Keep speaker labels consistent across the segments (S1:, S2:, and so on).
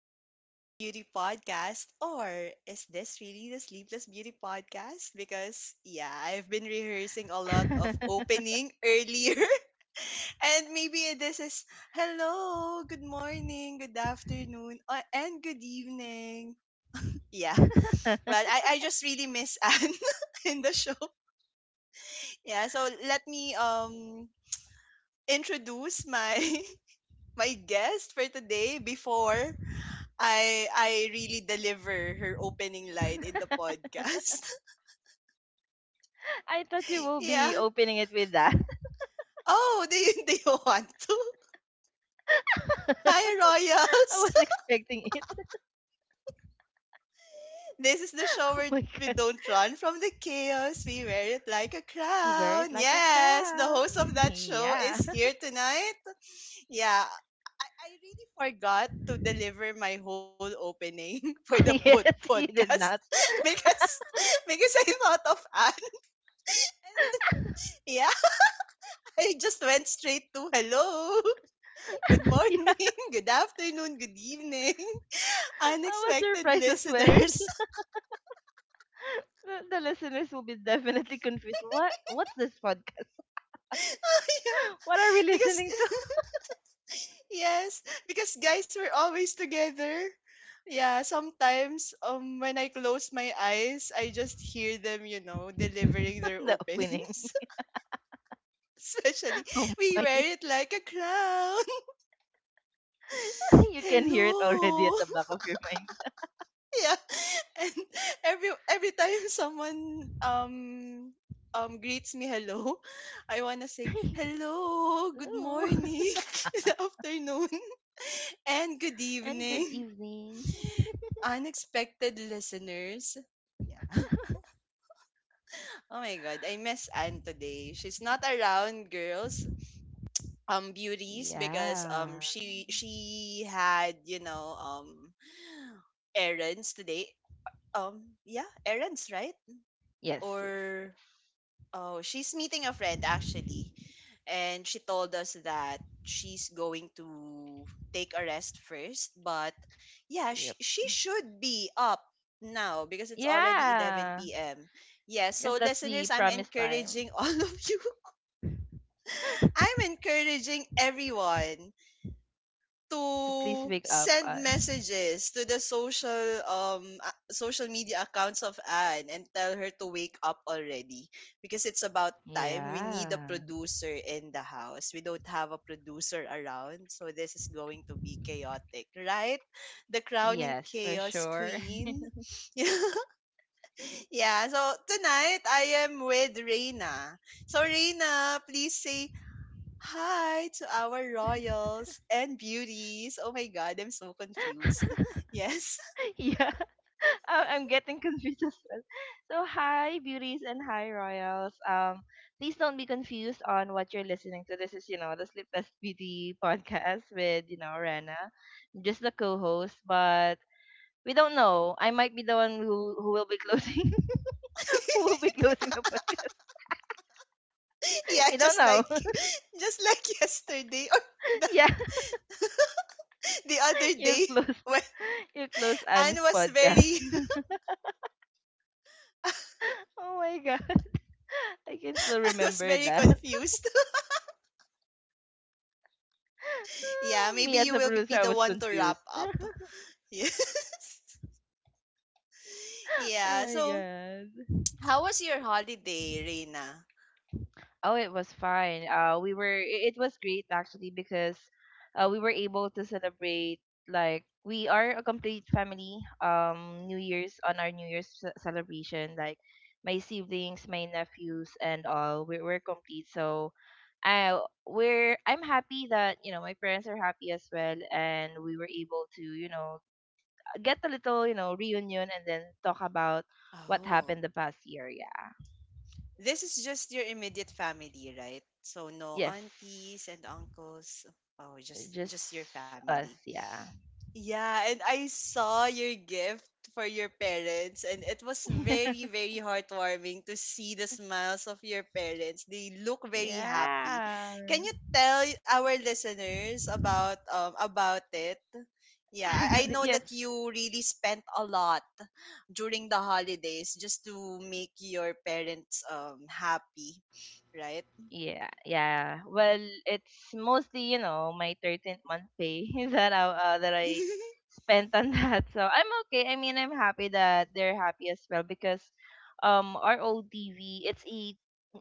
S1: to the Sleepless Beauty Podcast. Or is this really the Sleepless Beauty Podcast? Because, yeah, I've been rehearsing a lot of opening earlier. And maybe this is hello, good morning, good afternoon, and good evening. Yeah, well, I just really miss Anne in the show. Yeah, so let me introduce my my guest for today before I really deliver her opening line in the podcast.
S2: I thought you will be
S1: Yeah.
S2: opening it with that.
S1: Oh, do you, do you want to? Hi,
S2: I was
S1: Royals.
S2: expecting it.
S1: This is the show
S2: Oh
S1: where
S2: my
S1: we
S2: god.
S1: don't run from the chaos. We wear it like a
S2: You wear it
S1: crown.
S2: like a
S1: Yes, the
S2: crown.
S1: host of that show
S2: Yeah.
S1: is here tonight. Yeah. I really forgot to deliver my whole opening for the
S2: Yes, he
S1: podcast
S2: did not.
S1: because because I thought of Anne. I just went straight to hello. Good
S2: Yeah.
S1: morning, good afternoon, good evening.
S2: I was
S1: Unexpected
S2: surprised as well.
S1: listeners.
S2: The listeners will be definitely confused. What's this podcast?
S1: Oh
S2: What
S1: yeah.
S2: are we
S1: Because
S2: listening to?
S1: yes, because guys, we're always together. Yeah, sometimes when I close my eyes, I just hear them, delivering their
S2: The opening.
S1: openings. Especially
S2: Oh
S1: we
S2: my.
S1: wear it like a crown.
S2: You can hear it already
S1: Hello.
S2: at the back of your mind.
S1: Yeah. And every time someone greets me hello, I want to say hello, good
S2: Hello.
S1: morning, good afternoon, and good
S2: And good
S1: evening.
S2: evening.
S1: Unexpected listeners. Yeah. Oh my god, I miss Anne today. She's not around, girls, beauties, because
S2: Yeah.
S1: she had, errands today. Yeah, errands, right?
S2: Yes, yes,
S1: Or oh, she's meeting a friend actually, and she told us that she's going to take a rest first. But yeah, she,
S2: yes.
S1: she should be up now because it's already
S2: Yeah,
S1: 11 p.m. Yeah,
S2: I guess
S1: so
S2: that's the
S1: listeners, I'm
S2: promised time
S1: encouraging all of you. I'm encouraging everyone
S2: to please
S1: to
S2: wake up
S1: send
S2: on.
S1: messages to the social social media accounts of Anne and tell her to wake up already, because it's about time. We need a
S2: Yeah.
S1: producer in the house. We don't have a producer around, so this is going to be chaotic, right? The crown and
S2: Yes, for
S1: chaos
S2: sure.
S1: queen. Yeah. Yeah, so tonight I am with Reina. So Reina, please say hi to our royals and beauties. Oh my god, I'm so confused. Yes.
S2: yeah, I'm getting confused as well. So, hi, beauties, and hi, royals. Please don't be confused on what you're listening to. This is, you know, the Sleepless Beauty podcast with, you know, Rena, just the co-host. But we don't know. I might be the one who will be closing, who will be closing the podcast.
S1: Yeah,
S2: We don't
S1: just
S2: know.
S1: like just like yesterday or the,
S2: Yeah.
S1: the other
S2: You
S1: day
S2: close
S1: when
S2: you close
S1: Anne
S2: Anne's
S1: was
S2: podcast.
S1: very
S2: Oh my god. I can still
S1: Anne was
S2: remember
S1: very
S2: that.
S1: confused. Yeah,
S2: Ah,
S1: maybe
S2: me as
S1: you
S2: a
S1: will be
S2: producer,
S1: the
S2: I was
S1: one to wrap
S2: confused.
S1: up. Yes.
S2: Oh
S1: Yeah.
S2: my
S1: So,
S2: god.
S1: how was your holiday, Reina?
S2: Oh, it was fine. It was great actually because we were able to celebrate like we are a complete family. New Year's on our New Year's celebration, like my siblings, my nephews, and all, we're complete. So, I I'm happy that you know my parents are happy as well, and we were able to you know get a little you know reunion and then talk about what
S1: Oh.
S2: happened the past year. Yeah.
S1: This is just your immediate family, right? So no
S2: Yes.
S1: aunties and uncles. Oh, just your
S2: Just
S1: family.
S2: us, yeah.
S1: Yeah, and I saw your gift for your parents, and it was very very heartwarming to see the smiles of your parents. They look very happy.
S2: yeah.
S1: Can you tell our listeners about it? Yeah, I know
S2: yes.
S1: that you really spent a lot during the holidays just to make your parents happy, right?
S2: Yeah, yeah. Well, it's mostly, you know, my 13th month pay that that I spent on that. So I'm okay. I mean, I'm happy that they're happy as well because our old TV, it's a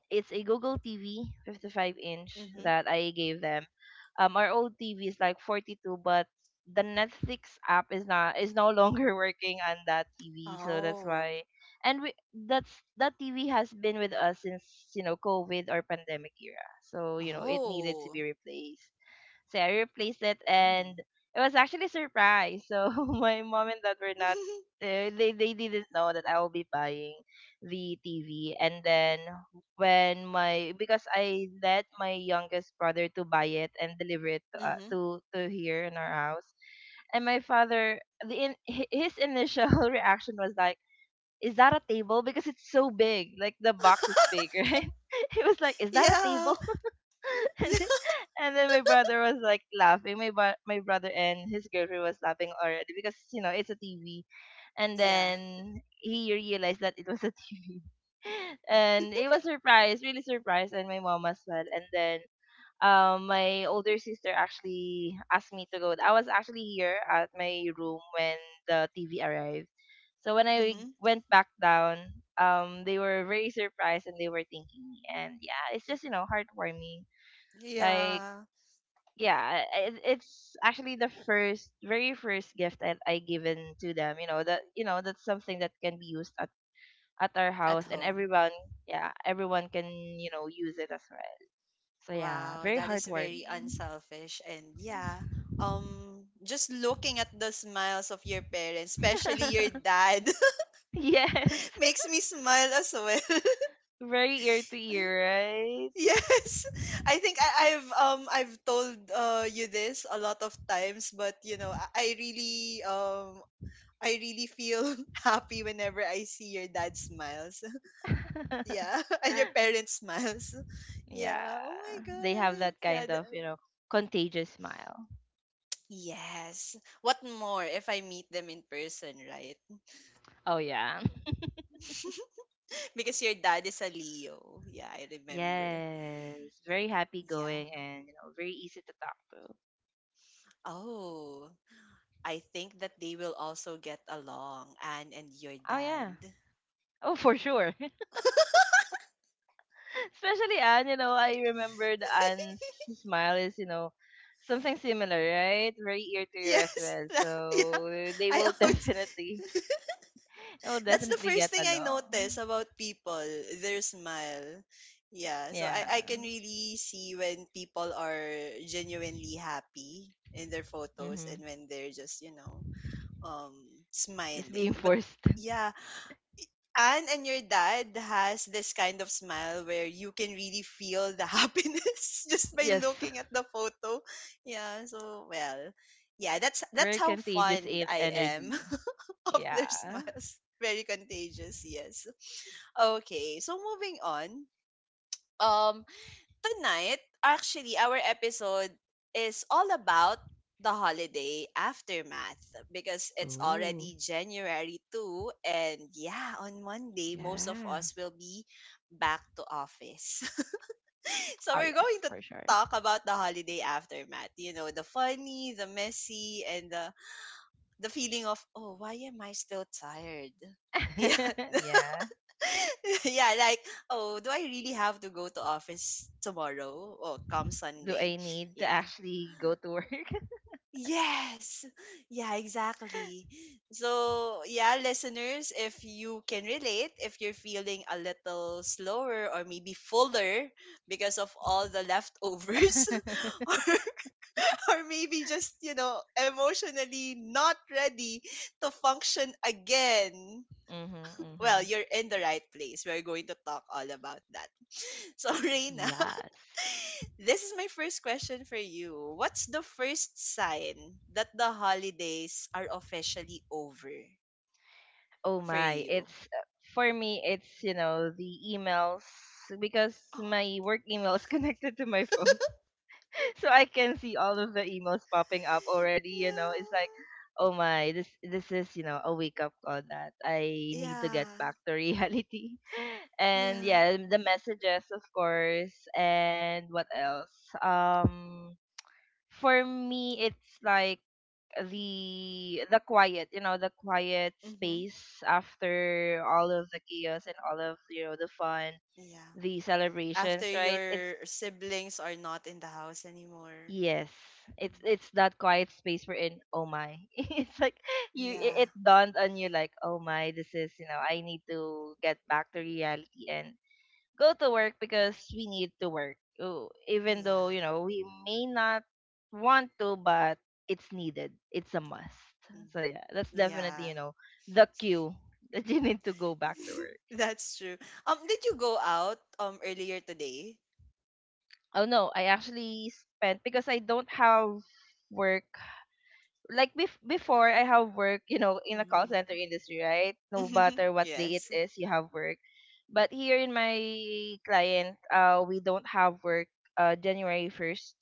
S2: it's a Google TV 55 inch
S1: Mhm.
S2: that I gave them. Our old TV is like 42, but the Netflix app is no longer working on that TV, so that's
S1: Oh.
S2: why. And we that's that TV has been with us since you know COVID or pandemic era, so you know it needed to be
S1: Oh.
S2: replaced. So I replaced it,
S1: Mm.
S2: and it was actually surprise. So my mom and dad were not. They didn't know that I will be buying the TV, and then when my because I let my youngest brother to buy it and deliver it
S1: Hmm.
S2: to here in our house, and my father his initial reaction was like, "Is that a table? Because it's so big. Like the box is big, right?" He was like, "Is that a
S1: Yeah.
S2: table?" And
S1: Yeah.
S2: then my brother was like laughing. My brother and his girlfriend was laughing already because you know it's a TV. And
S1: Yeah.
S2: then he realized that it was a TV, and he was surprised, really surprised, and my mom as well. And then my older sister actually asked me to go. I was actually here at my room when the TV arrived. So when I
S1: Mhm.
S2: went back down, they were very surprised and they were thinking, and yeah, it's just you know heartwarming, like
S1: Yeah.
S2: yeah, it, it's actually the first, very first gift that I given to them. You know that's something that can be used at our
S1: At
S2: house, and
S1: home.
S2: everyone,
S1: Yeah.
S2: yeah, everyone can you know use it as well. So yeah,
S1: Wow,
S2: very
S1: that is very
S2: heartwarming.
S1: unselfish, and yeah. Um, just looking at the smiles of your parents, especially your dad,
S2: yes,
S1: makes me smile as well.
S2: very ear to ear,
S1: Yes, I think I've told you this a lot of times, but you know, I really I really feel happy whenever I see your dad smiles.
S2: right?
S1: Yeah, and your parents smiles. Yeah.
S2: Yeah,
S1: Oh my
S2: they have
S1: god.
S2: that
S1: Yeah.
S2: kind
S1: The,
S2: of you know contagious smile.
S1: yes. What more if I meet them in person, right?
S2: Oh yeah.
S1: Because your dad is a Leo. Yeah, I remember.
S2: Yes, very happy
S1: Yeah.
S2: going and you know very easy to talk to.
S1: Oh. I think that they will also get along, Anne and your
S2: Oh
S1: dad.
S2: yeah. Oh, for sure. Especially Anne, you know, I remembered Anne's smile is, you know, something similar, right? Very ear to ear as
S1: Yes.
S2: well.
S1: Yeah.
S2: So they
S1: I
S2: will
S1: always
S2: definitely, they will
S1: that's the
S2: definitely
S1: first
S2: get
S1: thing I notice
S2: along.
S1: about people, their smile. Yeah, so
S2: Yeah.
S1: I can really see when people are genuinely happy in their photos
S2: Mm-hmm.
S1: and when they're just, you know, um
S2: Just being
S1: smiling. But
S2: forced.
S1: yeah, Anne and your dad has this kind of smile where you can really feel the happiness just by
S2: Yes.
S1: looking at the photo. Yeah, so well. Yeah, that's
S2: Very
S1: how
S2: contagious
S1: fond I am
S2: energy.
S1: of their
S2: Yeah.
S1: smiles. Very contagious, yes. Okay, so moving on. Um tonight, actually, our episode is all about the holiday aftermath because it's
S2: Oh.
S1: already January 2, and yeah, on Monday most of
S2: Yeah.
S1: us will be back to office. So
S2: Oh
S1: we're
S2: yes,
S1: going to
S2: for sure.
S1: talk about the holiday aftermath, you know, the funny, the messy, and the feeling of oh, why am I still tired? Yeah,
S2: yeah.
S1: yeah, like, oh, do I really have to go to office tomorrow or come
S2: Do
S1: Sunday?
S2: I need to
S1: Yeah.
S2: actually go to work?
S1: Yes. Yeah, exactly. So, yeah, listeners, if you can relate, if you're feeling a little slower or maybe fuller because of all the leftovers
S2: Mhm.
S1: or or maybe just, you know, emotionally not ready to function again. Well,
S2: Mhm.
S1: you're in the right place. We're going to talk all about that. So, Reina,
S2: Yes.
S1: this is my first question for you. What's the first sign that the holidays are officially over
S2: Oh
S1: for
S2: my,
S1: you?
S2: it's For me it's, you know, the emails because
S1: Oh,
S2: my work email is connected to my phone. So I can see all of the emails popping up already, you know. It's like,
S1: yeah.
S2: oh my, this is, you know, a wake up call that I need to
S1: Yeah.
S2: get back to reality. And
S1: Yeah.
S2: yeah, the messages of course. And what else? Um for me it's like the quiet, you know, the quiet
S1: Mm-hmm.
S2: space after all of the chaos and all of you know the fun,
S1: Yeah.
S2: the celebrations,
S1: After
S2: right? it's
S1: your siblings are not in the house anymore.
S2: Yes, it's
S1: Mm.
S2: it's that quiet space we're in. Oh my. It's like you
S1: Yeah.
S2: it, it dawned on you like, oh my, this is, you know, I need to get back to reality and go to work because we need to work. Oh, even though, you
S1: Yeah.
S2: know, we may not want to, but it's needed. It's a must. So
S1: Mm-hmm.
S2: yeah, that's definitely,
S1: Yeah.
S2: you know, the cue that you need to go back to work.
S1: That's true. Did you go out earlier today?
S2: Oh no, I actually spent because I don't have work like before I have work, you know, in a call
S1: Mm.
S2: center industry, right? No matter what day it
S1: Yes.
S2: is, you have work. But here in my client, we don't have work January 1st.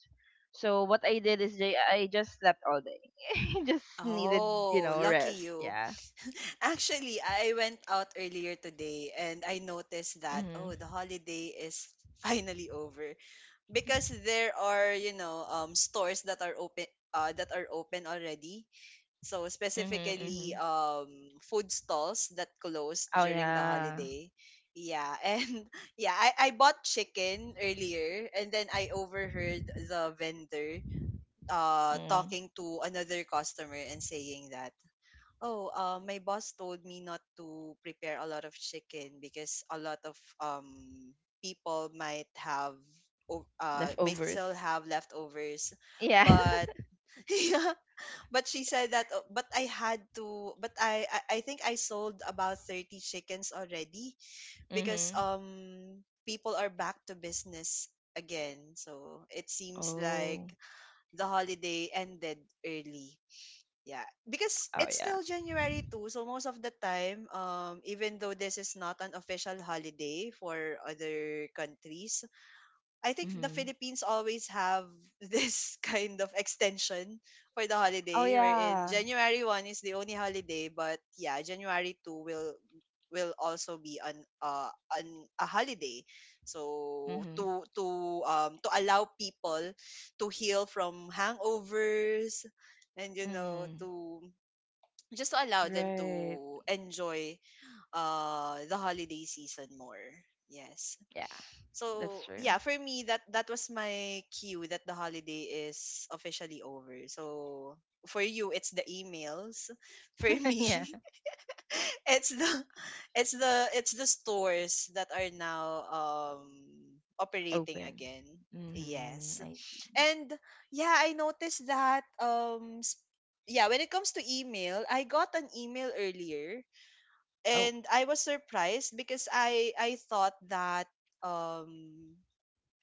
S2: So what I did is I just slept all day. Just needed, you
S1: Oh,
S2: know,
S1: lucky
S2: rest.
S1: you.
S2: Yeah.
S1: Actually, I went out earlier today and I noticed that oh,
S2: Mhm.
S1: the holiday is finally over because there are, you know, stores that are open already. So
S2: Mhm.
S1: specifically
S2: Mhm.
S1: food stalls that closed
S2: Oh
S1: during the
S2: yeah.
S1: holiday. Yeah, and yeah, I bought chicken earlier, and then I overheard the vendor
S2: Mm.
S1: talking to another customer and saying that, "Oh, my boss told me not to prepare a lot of chicken because a lot of people might have might still
S2: Leftovers.
S1: have leftovers."
S2: Yeah.
S1: But but she said that, "Oh, but I had to, but I think I sold about 30 chickens already because
S2: mhm.
S1: people are back to business again, so it seems like
S2: Oh.
S1: the holiday ended early." Yeah, because
S2: Oh
S1: it's
S2: yeah.
S1: still January too so most of the time, even though this is not an official holiday for other countries, I think the
S2: Mhm.
S1: Philippines always have this kind of extension for the
S2: Oh
S1: holiday, wherein
S2: yeah.
S1: January 1 is the only holiday, but yeah, January 2 will also be an a holiday, so
S2: Mhm.
S1: to allow people to heal from hangovers, and you know,
S2: Mhm.
S1: to just to allow them
S2: Right.
S1: to enjoy the holiday season more. Yes.
S2: Yeah, that's
S1: So
S2: true.
S1: yeah, for me, that that was my cue that the holiday is officially over. So for you, it's the emails. For me
S2: yeah.
S1: it's the it's the it's the stores that are now operating
S2: Open.
S1: again.
S2: Mhm.
S1: Yes.
S2: I see.
S1: And yeah, I noticed that yeah, when it comes to email, I got an email earlier,
S2: Oh.
S1: and I was surprised because I thought that um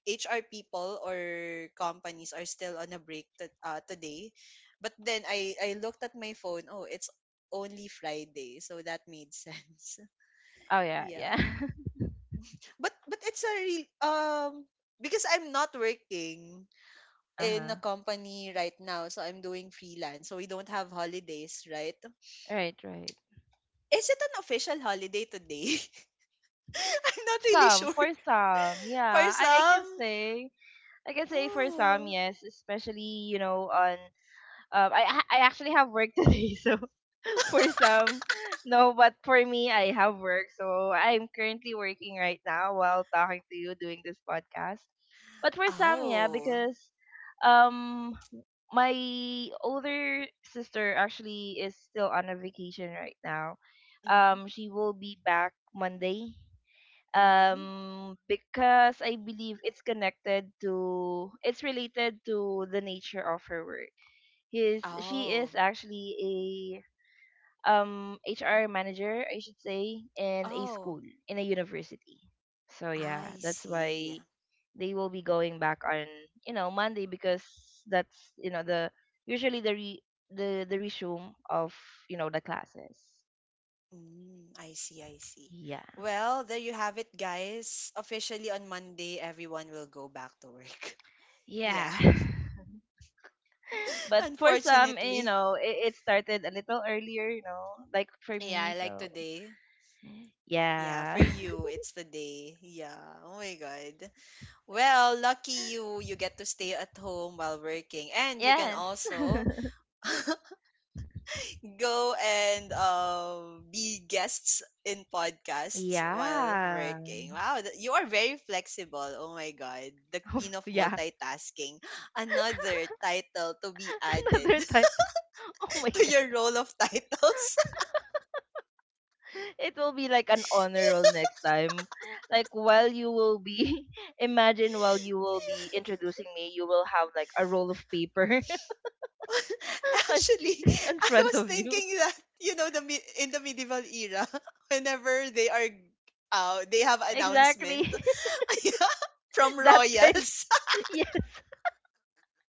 S1: HR people or companies are still on a break to, today. But then I looked at my phone. Oh, it's only Friday, so that made sense.
S2: Oh yeah,
S1: Yeah.
S2: yeah.
S1: But it's a real because I'm not working in a
S2: uh-huh.
S1: company right now, so I'm doing freelance. So we don't have holidays, right?
S2: Right, right.
S1: Is it an official holiday today? I'm not really
S2: Some
S1: sure.
S2: for some.
S1: For
S2: Yeah, I can
S1: some,
S2: say. I can say for some,
S1: oh,
S2: yes, especially, you know, on um I I actually have work today, so for some, no, but for me, I have work. So I'm currently working right now while talking to you doing this podcast. But for some, yeah,
S1: oh,
S2: because um my older sister actually is still on a vacation right now.
S1: mm-hmm,
S2: She will be back Monday.
S1: mm-hmm.
S2: Because I believe it's related to the nature of her work. His She
S1: Oh,
S2: is actually HR manager, I should say, in a
S1: oh,
S2: school, in a university. So yeah,
S1: I
S2: that's
S1: see.
S2: why they will be going back on, you know, Monday because that's, you know, the usually the resume of, you know, the classes.
S1: Mm, I see, I see.
S2: Yeah.
S1: Well, there you have it, guys. Officially on Monday, everyone will go back to work. Yeah,
S2: Yeah. But for some, eh, you
S1: unfortunately.
S2: know, it started a little earlier, you know, like for me,
S1: Yeah, like
S2: so
S1: today. Yeah,
S2: yeah.
S1: for you, it's today. Yeah. Oh my God. Well, lucky you, you get to stay at home while working, and you can
S2: Yes.
S1: also go and be guests in podcasts while
S2: Yeah.
S1: working. Wow, you are very flexible. Oh my god, the queen of
S2: yeah.
S1: multitasking. Another title to be added
S2: Another time. Oh my
S1: to
S2: god.
S1: your role of titles.
S2: It will be like an honor roll next time. Like while you will be imagine while you will be introducing me, you will have like a roll of paper on,
S1: Actually,
S2: in
S1: I
S2: front
S1: was
S2: of you.
S1: thinking that you know the in the medieval era, whenever they are they have announcement.
S2: Exactly.
S1: Yeah, from
S2: That kind.
S1: royals.
S2: Yes.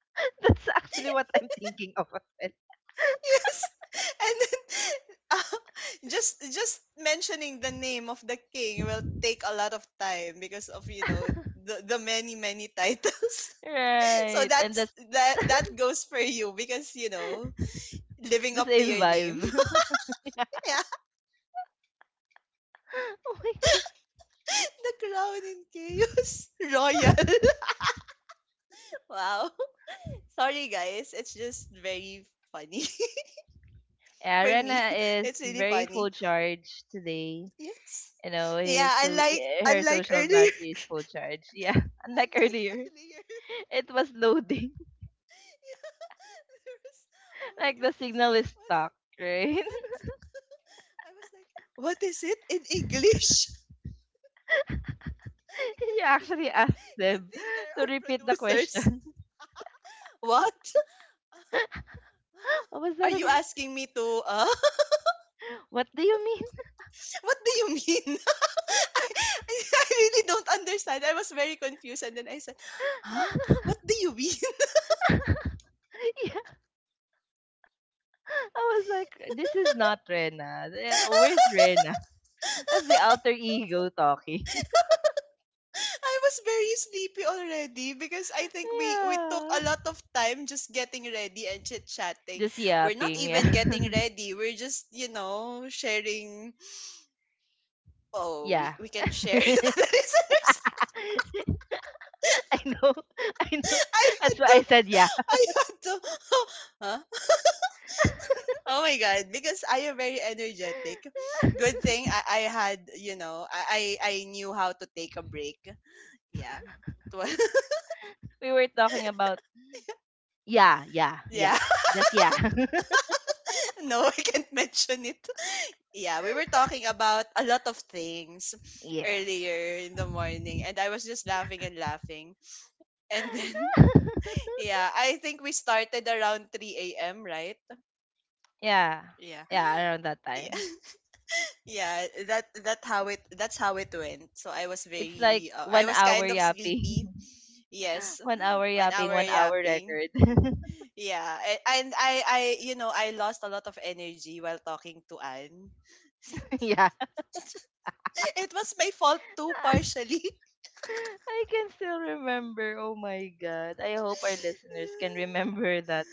S2: That's actually what I'm thinking of as
S1: Yes. And then uh, just mentioning the name of the king will take a lot of time because of, you know,
S2: well.
S1: the many titles. So
S2: Right. And
S1: that's
S2: that's
S1: that goes for you because you know, living
S2: the
S1: up to
S2: same
S1: your name.
S2: vibe.
S1: Yeah.
S2: Oh my god.
S1: The crown in chaos royal. Wow. Sorry guys, it's just very funny
S2: Yeah,
S1: for me.
S2: Rena
S1: It's
S2: is
S1: really
S2: very full
S1: funny.
S2: charge today.
S1: Yes. Yeah,
S2: Her
S1: unlike
S2: social
S1: earlier,
S2: battery is full charge, yeah. Unlike
S1: unlike
S2: earlier,
S1: earlier.
S2: it was loading.
S1: There was, oh my
S2: Like
S1: god,
S2: the signal is
S1: what,
S2: stuck, right?
S1: what? I was like, what is it in English? Good
S2: You
S1: thing,
S2: actually asked
S1: good
S2: them
S1: thing there
S2: to
S1: are
S2: repeat the
S1: producers.
S2: question.
S1: What?
S2: What was
S1: Are
S2: that
S1: you
S2: again?
S1: asking me to,
S2: What do you mean?
S1: what do you mean? I, I really don't understand. I was very confused and then I said, huh? What do you mean?
S2: Yeah, I was like, this is not Rena. Eh, where's Rena? That's the alter ego talking.
S1: I was very sleepy already because I think we took a
S2: Yeah,
S1: lot of time just getting ready and chit chatting.
S2: just
S1: We're not
S2: yapping,
S1: even
S2: yeah.
S1: getting ready. We're just sharing. Oh, we
S2: yeah.
S1: we can share to
S2: I
S1: the listeners.
S2: know. I know,
S1: I
S2: that's
S1: had
S2: why I
S1: to,
S2: said yeah.
S1: I had to. Huh? Oh my god! Because I am very energetic. Good thing I had I knew how to take a break. Yeah. It was-
S2: We were talking about, yeah, yeah, yeah.
S1: Yeah,
S2: Just yeah.
S1: no, I can't mention it. Yeah, we were talking about a lot of things
S2: yes.
S1: earlier in the morning, and I was just laughing and laughing. And then, yeah, I think we started around 3 a.m., right?
S2: Yeah.
S1: Yeah.
S2: Yeah, around that
S1: Yeah,
S2: time.
S1: yeah, that's how it went. So I was
S2: It's like
S1: very, I
S2: one
S1: was
S2: hour
S1: kind of sleepy.
S2: yapping.
S1: Yes,
S2: 1 hour
S1: on
S2: yapping,
S1: our
S2: 1 hour
S1: yapping.
S2: record.
S1: Yeah, and I I lost a lot of energy while talking to Anne.
S2: yeah.
S1: It was my fault too partially.
S2: I can still remember. Oh my god. I hope our listeners can
S1: Yeah.
S2: remember that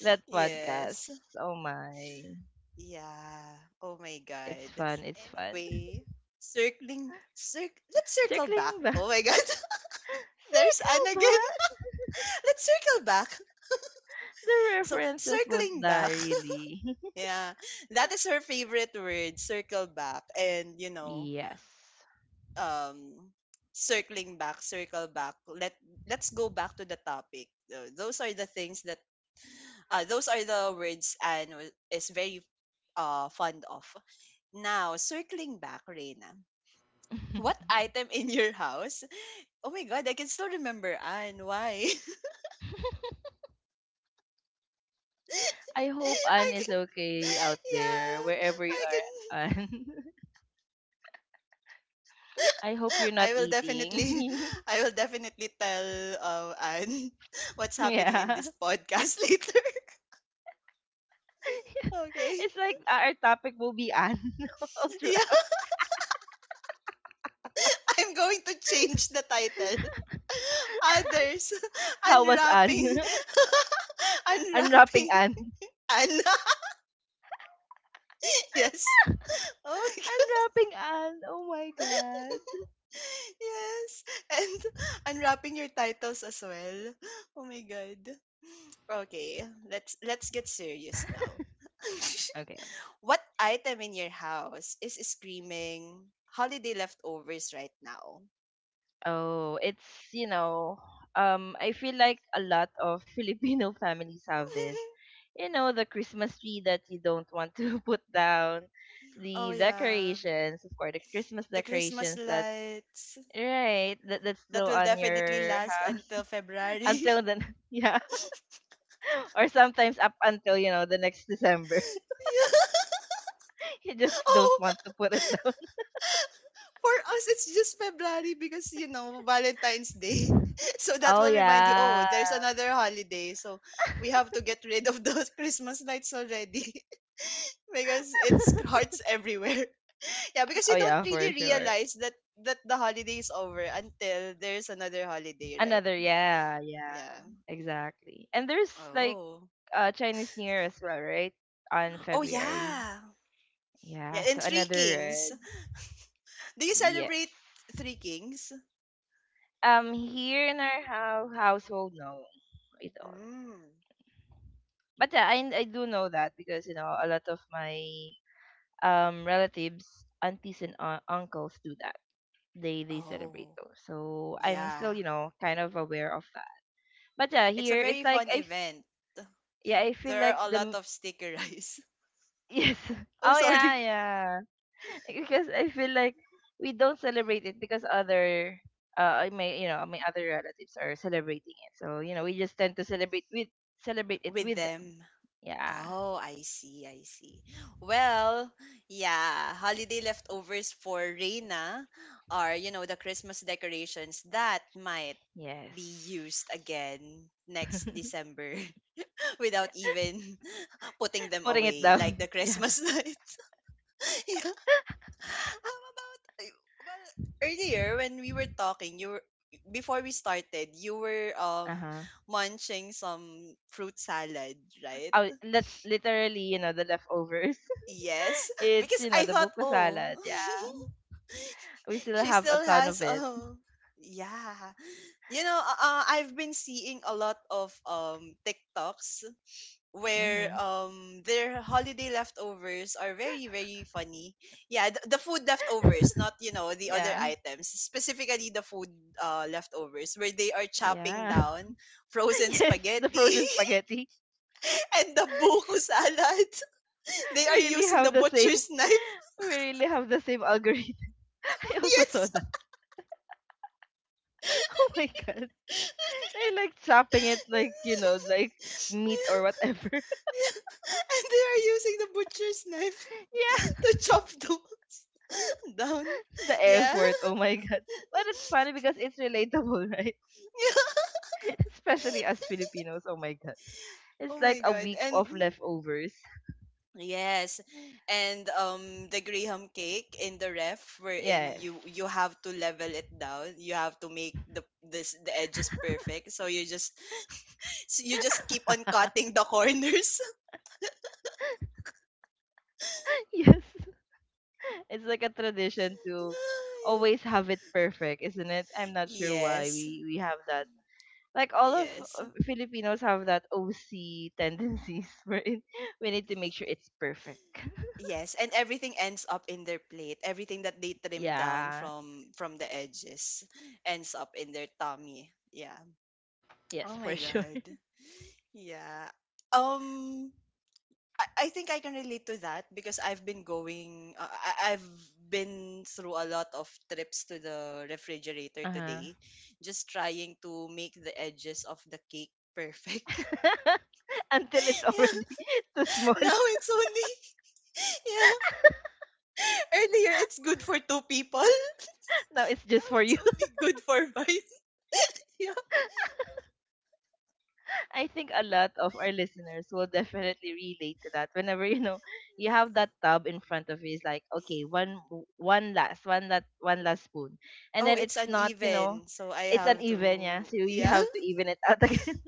S2: that
S1: Yes.
S2: podcast. Oh my.
S1: Yeah. Oh my God.
S2: It's fun. It's fun.
S1: Anyway, circling, circ. Let's circle back.
S2: Circling back.
S1: Oh my God. There's
S2: Circle
S1: Anne again.
S2: back.
S1: Let's circle back.
S2: The
S1: So
S2: references won't
S1: circling back.
S2: die really.
S1: Yeah, that is her favorite word. Circle back, and
S2: yes.
S1: um, circling back, circle back. Let's go back to the topic. Those are the things that those are the words Anne is very fond of. Now, circling back, Reina, what item in your house? Oh my God, I can still remember Anne. Why?
S2: I hope Anne
S1: I
S2: is
S1: can.
S2: okay out there,
S1: Yeah,
S2: wherever you
S1: I
S2: are,
S1: can.
S2: Anne. I hope you're not
S1: I will definitely,
S2: eating.
S1: I will definitely tell Anne what's happening in
S2: yeah.
S1: this podcast later. Okay.
S2: It's like our topic will be Anne. All through.
S1: Yeah. I'm going to change the title. Others
S2: How was
S1: unwrapping
S2: Anne? Unwrapping
S1: unwrapping
S2: Anne.
S1: Anna. Yes. Oh my god.
S2: Unwrapping Anne. Oh my god.
S1: Yes. And unwrapping your titles as well. Oh my god. Okay, let's get serious now.
S2: Okay.
S1: What item in your house is screaming holiday leftovers right now?
S2: Oh, it's, you know, I feel like a lot of Filipino families have this. You know, the Christmas tree that you don't want to put down,
S1: Oh
S2: the
S1: yeah,
S2: decorations, of course, the Christmas
S1: the Christmas
S2: decorations that's
S1: lights.
S2: right, that's
S1: That
S2: still
S1: will
S2: on
S1: definitely
S2: your
S1: last
S2: house.
S1: until February.
S2: Until then, yeah, or sometimes up until, you know, the next December.
S1: Yeah.
S2: You just don't
S1: Oh,
S2: want to put it down.
S1: for us, it's just February because, you know, Valentine's Day. So that
S2: Oh,
S1: will remind you, oh,
S2: yeah.
S1: there's another holiday. So we have to get rid of those Christmas lights already because it's hearts everywhere. Yeah, because you
S2: Oh,
S1: don't
S2: yeah,
S1: really
S2: for sure.
S1: realize that that the holiday is over until there's another holiday, right?
S2: Another, yeah, yeah,
S1: Yeah.
S2: exactly. And there's like
S1: Oh.
S2: Chinese New Year as well, right? On
S1: Oh
S2: February.
S1: yeah. Yeah,
S2: Yeah,
S1: and
S2: so
S1: Three
S2: another
S1: Kings.
S2: red.
S1: Do you
S2: Yes.
S1: celebrate Three Kings?
S2: Here in our household, no, we don't.
S1: Mm.
S2: But yeah, I do know that because you know a lot of my relatives, aunties and uncles do that. They celebrate
S1: Oh,
S2: those. So I'm still
S1: yeah.
S2: you know kind of aware of that. But yeah,
S1: It's a
S2: here it's
S1: very
S2: like
S1: fun event.
S2: yeah I feel
S1: There
S2: like
S1: are a lot of sticker rice.
S2: yes.
S1: Oh,
S2: Oh yeah,
S1: sorry.
S2: yeah, because I feel like we don't celebrate it because other I may you know my other relatives are celebrating it. So you know we just tend to celebrate it
S1: With
S2: with them.
S1: them.
S2: Yeah,
S1: Oh, I see, I see. Well, yeah, holiday leftovers for Reina are, you know, the Christmas decorations that might
S2: yes,
S1: be used again next December without even putting them
S2: putting it
S1: away, like
S2: down
S1: the
S2: yeah,
S1: Christmas lights. How about well earlier when we were talking, you were before we started, you were
S2: uh huh,
S1: munching some fruit salad, right?
S2: oh that's literally you know the leftovers.
S1: Yes,
S2: It's
S1: because
S2: you know
S1: I
S2: the
S1: thought,
S2: buko
S1: oh,
S2: salad, yeah, we still
S1: she
S2: have a
S1: still
S2: ton of
S1: has
S2: it.
S1: yeah. You know, I've been seeing a lot of TikToks where
S2: Mhm,
S1: their holiday leftovers are very funny. Yeah, the food leftovers, not the other
S2: yeah,
S1: items, specifically the food leftovers where they are chopping
S2: yeah.
S1: down frozen
S2: Yes, the
S1: spaghetti
S2: frozen spaghetti.
S1: and the buko salad. They
S2: we
S1: are
S2: really
S1: using the
S2: have the same
S1: butcher's knife.
S2: we really have the same algorithm. I also saw
S1: Yes.
S2: oh my god. They're like chopping it like, you know, like meat or whatever.
S1: And they are using the butcher's knife
S2: Yeah,
S1: to chop them down.
S2: the
S1: Yeah.
S2: effort. Oh my god. But it's funny because it's relatable, right? Especially as Filipinos. Oh my god. It's
S1: Oh my
S2: like a
S1: god.
S2: week
S1: And
S2: of leftovers.
S1: yes. And the Graham cake in the ref wherein
S2: Yes.
S1: you have to level it down. You have to make the edges perfect. So you just keep on cutting the corners.
S2: Yes. It's like a tradition to always have it perfect, isn't it? I'm not sure why
S1: Yes.
S2: we have that. Like all
S1: Yes.
S2: of Filipinos have that OC tendencies wherein we need to make sure it's perfect.
S1: Yes, and everything ends up in their plate. Everything that they trim down
S2: Yeah.
S1: from the edges ends up in their tummy. Yeah. Oh
S2: Yes,
S1: my
S2: for sure.
S1: god. Yeah. Um, I think I can relate to that because I've been going, I've been through a lot of trips to the refrigerator
S2: Uh-huh.
S1: today, just trying to make the edges of the cake perfect.
S2: Until it's already
S1: Yeah,
S2: too small.
S1: now it's only, yeah, earlier it's good for two people.
S2: Now it's
S1: Now
S2: just for
S1: it's
S2: you.
S1: only good for five. Yeah.
S2: I think a lot of our listeners will definitely relate to that. Whenever you know you have
S1: Yes.
S2: that tub in front of you, it's like okay, one last spoon, and
S1: Oh,
S2: then
S1: it's
S2: it's not you know,
S1: uneven, so I
S2: it's
S1: have
S2: uneven, yeah.
S1: to,
S2: So you
S1: yeah.
S2: have to even it out again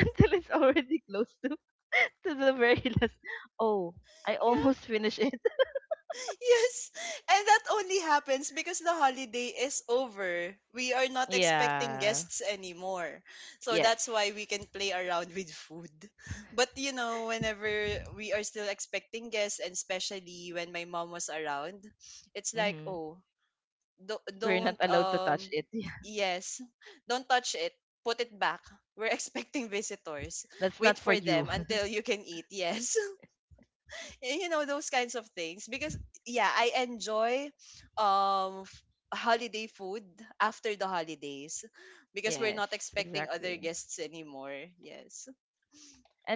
S2: until it's already close to the very last. Oh, I almost finished it.
S1: Yes, and that only happens because the holiday is over. We are not expecting
S2: Yeah.
S1: guests anymore. So
S2: Yes.
S1: that's why we can play around with food. But you know, whenever we are still expecting guests, and especially when my mom was around, it's like,
S2: Mm-hmm.
S1: oh, do-
S2: We're not
S1: don't,
S2: allowed to touch it. Yeah.
S1: yes, don't touch it. Put it back. We're expecting visitors.
S2: That's
S1: Wait
S2: not for
S1: for
S2: you.
S1: them until you can eat. Yes. Eh, you know those kinds of things because yeah I enjoy um f- holiday food after the holidays because we're
S2: Yes,
S1: not expecting other
S2: exactly.
S1: guests anymore. Yes.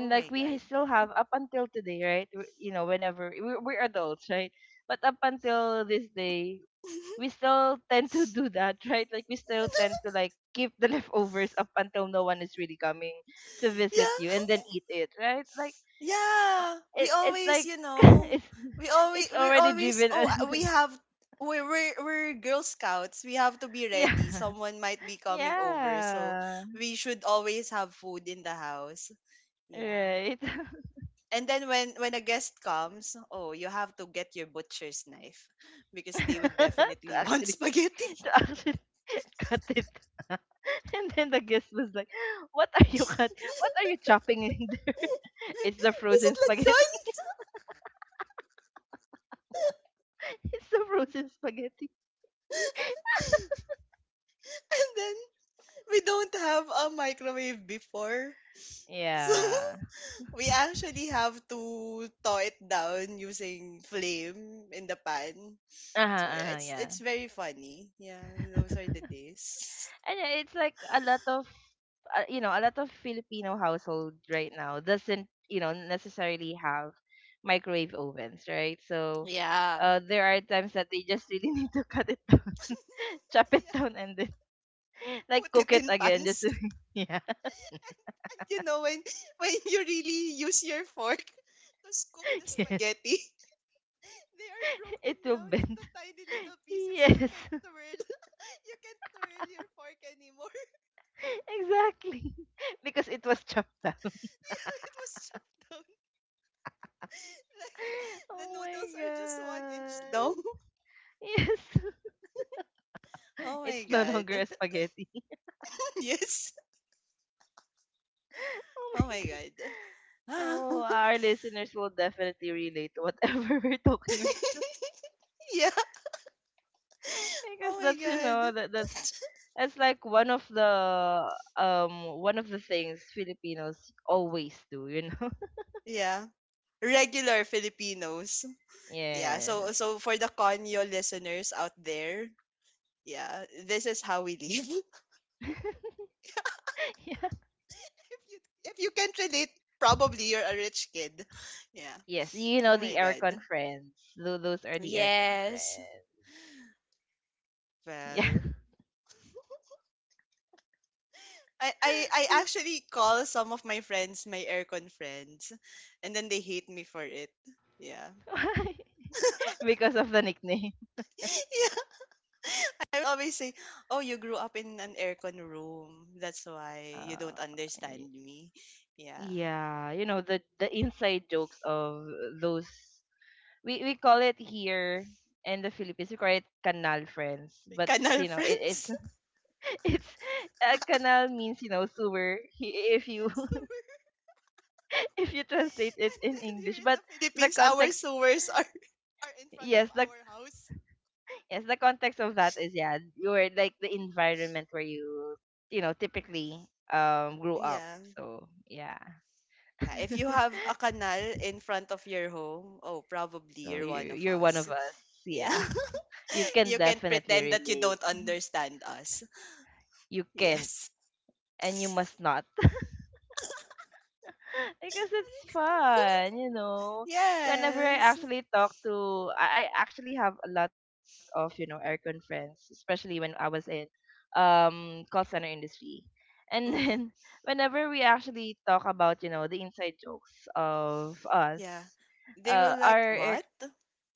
S1: Oh my
S2: like we
S1: god.
S2: still have up until today, right? You know, whenever we're adults, right? But up until this day, we still tend to do that, right? Like we still tend to like keep the leftovers up until no one is really coming to visit you,
S1: Yeah.
S2: and then eat it, right? Like
S1: Yeah we
S2: it, it's
S1: always
S2: like it's
S1: we always
S2: it's
S1: we're
S2: already
S1: always oh
S2: driven.
S1: we have we're girl scouts. We have to be ready.
S2: Yeah,
S1: Someone might be coming over, so
S2: yeah,
S1: we should always have food in the house. Yeah.
S2: right.
S1: And then when a guest comes, oh, you have to get your butcher's knife because they would
S2: to
S1: definitely want
S2: actually
S1: spaghetti.
S2: to actually cut it. And then the guest was like, "What are you cut? What are you chopping? It's the
S1: Is
S2: frozen
S1: it
S2: spaghetti.
S1: lechon?
S2: It's the frozen spaghetti.
S1: And then we don't have a microwave before. So
S2: Yeah.
S1: we actually have to thaw it down using flame in the pan.
S2: Uh huh.
S1: So yeah,
S2: Uh-huh,
S1: it's
S2: yeah.
S1: it's very funny. Yeah, those are the days.
S2: And it's like a lot of you know a lot of Filipino household right now doesn't you know necessarily have microwave ovens, right? So
S1: Yeah.
S2: there are times that they just really need to cut it, chop it
S1: Yeah.
S2: down, and then like
S1: Put it
S2: cook it
S1: in
S2: again just
S1: pans.
S2: to, yeah.
S1: And you know when when you really use your fork to scoop the
S2: Yes,
S1: spaghetti, they are broken
S2: it will
S1: down
S2: bend.
S1: into tiny little pieces. You
S2: Yes,
S1: can't twirl. You can't twirl your fork anymore.
S2: exactly. Because it was chopped up.
S1: Yeah, it was chopped down. Like the
S2: Oh
S1: noodles
S2: my
S1: are just one inch
S2: god.
S1: long.
S2: Yes,
S1: Oh
S2: it's
S1: my
S2: no longer a
S1: god.
S2: spaghetti.
S1: Yes.
S2: Oh
S1: Oh
S2: my
S1: my
S2: god.
S1: god.
S2: Oh, our listeners will definitely relate to whatever we're talking right.
S1: Yeah.
S2: Because
S1: Oh my
S2: that's you know
S1: god.
S2: that that's like one of the things Filipinos always do. You know.
S1: Yeah. Regular Filipinos. Yeah, so
S2: Yes.
S1: so for the Conyo listeners out there, yeah, this is how we live.
S2: Yeah.
S1: If you if you can't relate, probably you're a rich kid. Yeah.
S2: Yes, you
S1: Oh
S2: know the
S1: my god.
S2: aircon friends. Those are the aircon
S1: Yes.
S2: friends. Yeah.
S1: Well, I I actually call some of my friends my aircon friends, and then they hate me for it. Yeah.
S2: Why? Because of the nickname.
S1: Yeah. I always say, "Oh, you grew up in an aircon room. That's why you
S2: Uh,
S1: don't
S2: y-
S1: understand me." Yeah.
S2: yeah, you know the inside jokes of those, we call it here in the Philippines, we call it canal friends, but
S1: Canal
S2: you know it, it's
S1: friends.
S2: it's canal means you know sewer if you
S1: Sewer.
S2: if you translate it
S1: And
S2: in
S1: then here
S2: English,
S1: in
S2: but
S1: the
S2: the
S1: Philippines, our
S2: context
S1: sewers are, are in front of
S2: yes the,
S1: our house.
S2: yes, the context of that is yeah, you're like the environment where you know typically grew up.
S1: Yeah.
S2: So yeah,
S1: Yeah. If you have a canal in front of your home, oh, probably
S2: so
S1: you're
S2: you
S1: one of
S2: you're one
S1: us.
S2: of us.
S1: Yeah.
S2: Yeah, you can
S1: You can
S2: definitely
S1: pretend that you
S2: relate.
S1: don't understand us.
S2: You can't
S1: Yes.
S2: and you must not because it's
S1: But
S2: fun,
S1: it's,
S2: you know. Whenever
S1: yeah.
S2: I
S1: Yes.
S2: actually talk to, I actually have a lot of you know aircon friends, especially when I was in call center industry, and
S1: Hmm.
S2: then whenever we actually talk about you know the inside jokes of us,
S1: Yeah. They will like,
S2: our air
S1: what?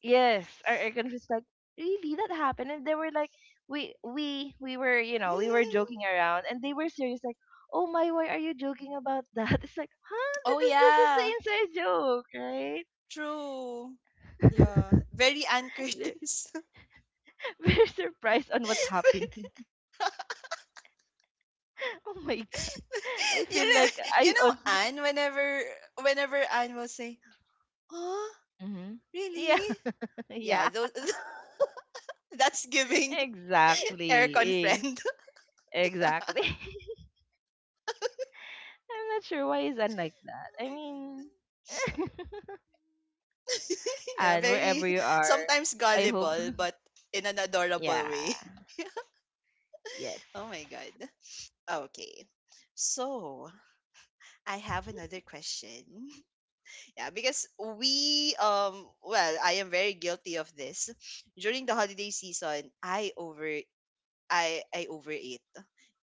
S2: yes our aircon was like really that happened and they were like we were you know we were joking around and they were serious like oh my why are you joking about that. It's like huh,
S1: Oh,
S2: this is the
S1: yeah.
S2: inside joke, right?
S1: True. Yeah. Very Ann
S2: They're,
S1: Curtis.
S2: they surprised on what's happening. Oh my god, I
S1: You
S2: feel
S1: know,
S2: like I
S1: you know
S2: on
S1: Anne whenever whenever Anne will say, "Oh,
S2: hmm, yeah.
S1: really?" Yeah,
S2: Yeah
S1: those that's giving aircon
S2: exactly,
S1: friend.
S2: exactly. I'm not sure why is Anne like that,
S1: Oh
S2: I
S1: my god.
S2: mean
S1: Yeah,
S2: and
S1: very
S2: wherever you are,
S1: sometimes
S2: I hope.
S1: gullible but in an adorable
S2: Yeah.
S1: way.
S2: Yes.
S1: Oh my god. Okay. So, I have another question. Yeah, because we well, I am very guilty of this during the holiday season. I over I overate.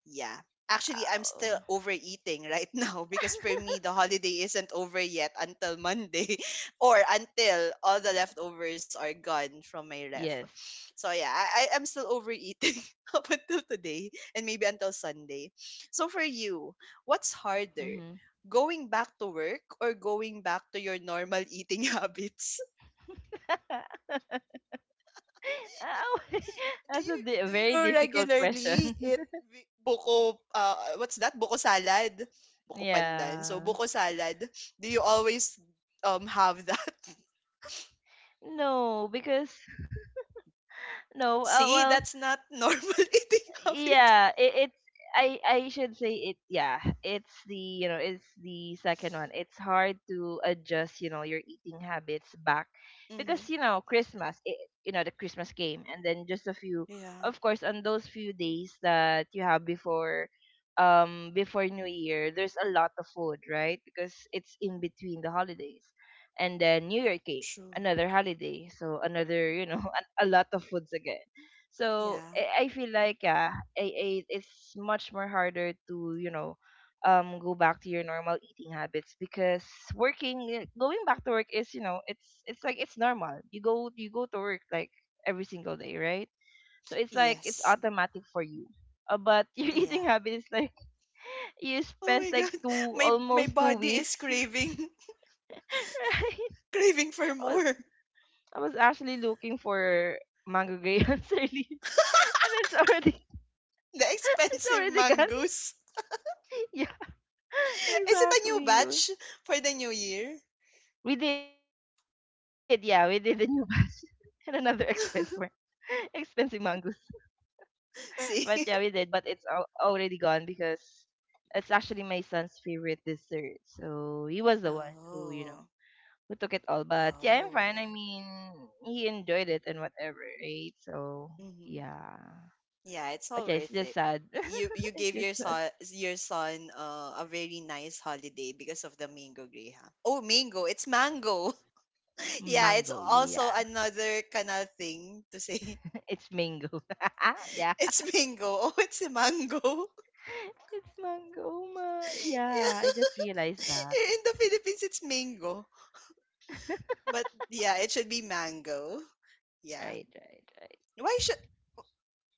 S1: Yeah. Actually, I'm
S2: Oh.
S1: still overeating right now because for me the holiday isn't over yet until Monday or until all the leftovers are gone from my ref.
S2: Yes.
S1: So yeah, I am still overeating up until today and maybe until Sunday. So for you, what's harder?
S2: Mm-hmm.
S1: Going back to work or going back to your normal eating habits?
S2: Oh,
S1: Do
S2: that's
S1: you
S2: a
S1: do you
S2: very difficult
S1: regularly eat
S2: question.
S1: buko what's that? Buko salad. Buko pandan. So
S2: Yeah.
S1: buko salad, do you always have that?
S2: No, because no.
S1: See,
S2: Well,
S1: that's not normal eating habit.
S2: yeah it, it's I should say it, yeah it's the you know it's the second one, it's hard to adjust you know your eating habits back
S1: Mm-hmm.
S2: because you know Christmas you know the Christmas came and then just a few
S1: Yeah,
S2: of course on those few days that you have before before New Year, there's a lot of food right because it's in between the holidays, and then New Year came,
S1: true.
S2: another holiday, so another you know a lot of foods again, so
S1: Yeah.
S2: I feel like yeah, it's much more harder to you know, go back to your normal eating habits because working, going back to work is you know, it's like it's normal. You go to work like every single day, right? So it's like it's
S1: Yes.
S2: automatic for you. But your
S1: Yeah.
S2: eating habit is like you
S1: Oh
S2: spent
S1: my
S2: like
S1: God.
S2: two
S1: My
S2: almost two
S1: body
S2: weeks.
S1: is craving
S2: Right?
S1: craving for
S2: I was
S1: more.
S2: I was actually looking for mango grahams early, and it's already
S1: The
S2: it's
S1: expensive
S2: already gone.
S1: mangoes.
S2: Yeah.
S1: Is it a new
S2: Exactly.
S1: batch for the new year?
S2: We did, yeah, we did the new batch and another expense for expensive mongoose. But yeah, we
S1: See?
S2: did, but it's all already gone because it's actually my son's favorite dessert. So he was the one who, you
S1: Oh,
S2: know, who took it all. But yeah, I'm fine.
S1: oh.
S2: I mean, he enjoyed it and whatever, right? So
S1: Hmm.
S2: yeah.
S1: Yeah, it's
S2: But
S1: all
S2: yeah, it's
S1: worth
S2: just
S1: it.
S2: sad.
S1: You
S2: It's
S1: gave
S2: just sad.
S1: your son a very nice holiday because of the mango greyhound. Oh, mango, it's mango. Yeah, it's
S2: Mango,
S1: also
S2: yeah.
S1: another kind of thing to say.
S2: It's mango. Yeah.
S1: It's mango. Oh, it's a mango.
S2: It's mangoma. Yeah, I just
S1: Yeah.
S2: realized that.
S1: In the Philippines, it's mango. But yeah, it should be mango. Yeah.
S2: Right, right, right.
S1: Why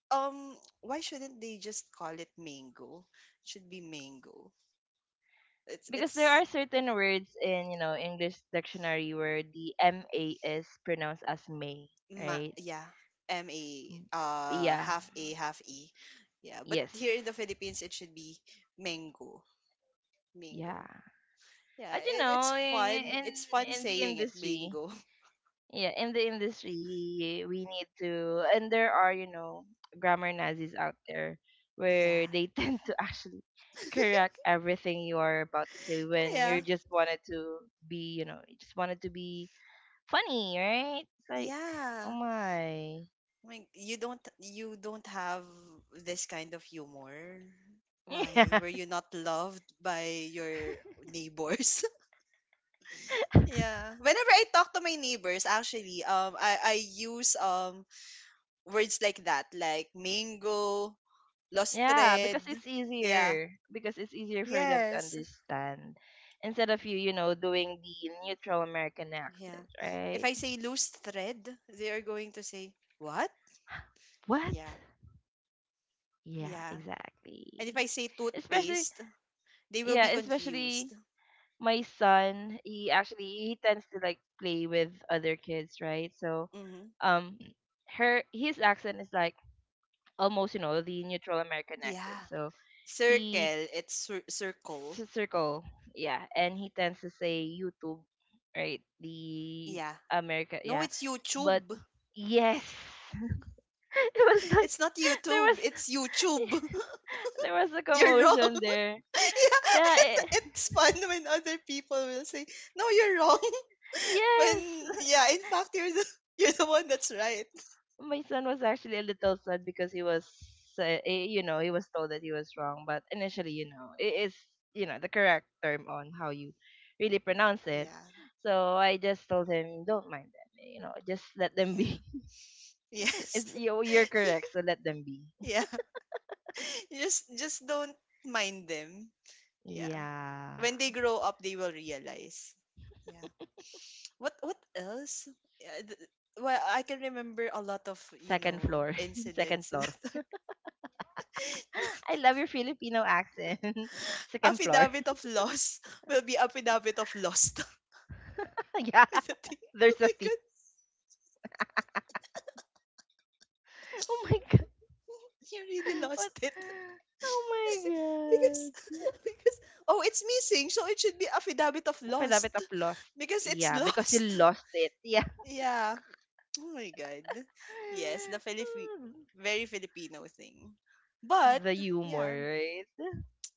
S1: Um, why shouldn't they just call it mango? It should be mango.
S2: Because there
S1: It's
S2: are certain words in, you know, English dictionary where the M A is pronounced as may,
S1: ma
S2: right?
S1: yeah, M A
S2: Mm. Yeah.
S1: half A half E. Yeah, but
S2: Yes.
S1: here in the Philippines it should be mango.
S2: Yeah.
S1: Mango. Yeah,
S2: As you
S1: it's
S2: know,
S1: fun. It's fun
S2: in the
S1: saying it
S2: industry,
S1: mango.
S2: yeah in the industry, we need to, and there are you know grammar nazis out there where
S1: Yeah.
S2: they tend to actually correct everything you are about to say when you
S1: Yeah.
S2: just wanted to be you know you just wanted to be funny, right? It's like oh
S1: Yeah.
S2: my
S1: Like you don't have this kind of humor. Why?
S2: yeah,
S1: Were you not loved by your neighbors? Yeah. Whenever I talk to my neighbors, actually, I use words like that, like mango, lost
S2: yeah because
S1: thread. Yeah.
S2: it's easier for them to
S1: Yes.
S2: understand instead of you you know doing the neutral American
S1: Yeah.
S2: accent,
S1: If
S2: right?
S1: I say loose thread, they are going to say, What?
S2: What?
S1: Yeah.
S2: Yeah,
S1: Yeah.
S2: exactly.
S1: And if I say
S2: Especially,
S1: toothpaste, they will
S2: yeah,
S1: be
S2: especially
S1: confused.
S2: my son, he actually he tends to like play with other kids, right? So,
S1: Mm-hmm.
S2: um her his accent is like almost, you know, the neutral American
S1: Yeah.
S2: accent. So,
S1: Circle,
S2: he
S1: it's circle.
S2: circle, yeah, and he tends to say YouTube, right? The
S1: Yeah.
S2: America,
S1: No,
S2: yeah.
S1: it's
S2: But
S1: YouTube.
S2: yes. It was like
S1: It's not
S2: there
S1: YouTube.
S2: was
S1: It's YouTube.
S2: there was a
S1: You're wrong.
S2: commotion there.
S1: Yeah,
S2: Yeah,
S1: and it's fun when other people will say, "No, you're wrong."
S2: yes,
S1: When yeah, in fact, you're the you're the one that's right.
S2: my son was actually a little sad because he was, you know, he was told that he was wrong. But initially, you know, it is, you know, the correct term on how you really pronounce it.
S1: Yeah,
S2: So I just told him, don't mind them, you know, just let them
S1: yeah,
S2: be. It's,
S1: yes,
S2: you're correct, so let them be.
S1: yeah. Just don't mind them. Yeah,
S2: Yeah,
S1: when they grow up, they will realize. Yeah. What else? Yeah, well, I can remember a lot of
S2: second floor, second
S1: incidents.
S2: floor.
S1: That
S2: I love your Filipino accent. Second floor.
S1: affidavit of loss will be affidavit of lost.
S2: Yeah,
S1: I don't think- oh
S2: there's a
S1: my
S2: T.
S1: god.
S2: Oh my
S1: You really
S2: what?
S1: lost it.
S2: Oh my
S1: because
S2: god.
S1: because oh it's missing, so it should be affidavit of
S2: If I love it,
S1: lost.
S2: I've lost.
S1: Because it's
S2: Yeah, because you
S1: lost.
S2: lost it. Yeah.
S1: Yeah, oh my god, yes, the very filipino thing, but
S2: The humor,
S1: yeah.
S2: right?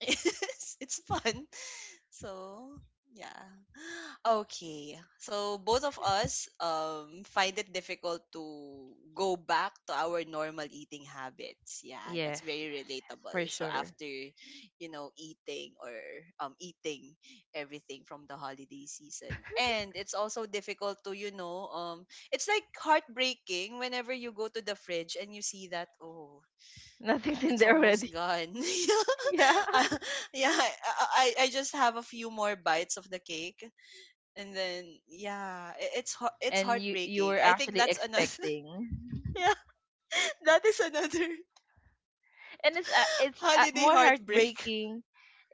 S1: It's fun. So, yeah. Okay. So both of us find it difficult to go back to our normal eating habits. Yeah, that's
S2: Yes, yes,
S1: very
S2: yes, for
S1: relatable. So
S2: sure.
S1: after, eating or eating everything from the holiday season. And it's also difficult to, it's like heartbreaking whenever you go to the fridge and you see that, oh,
S2: Nothing's in
S1: it's
S2: there
S1: almost
S2: already.
S1: gone.
S2: Yeah.
S1: Uh, yeah, I just have a few more bites of the cake, and then yeah, it's it's
S2: And you
S1: heartbreaking.
S2: were
S1: I think
S2: actually
S1: that's another.
S2: expecting.
S1: Yeah, that is another
S2: And it's
S1: holiday
S2: more
S1: heartbreak.
S2: heartbreaking.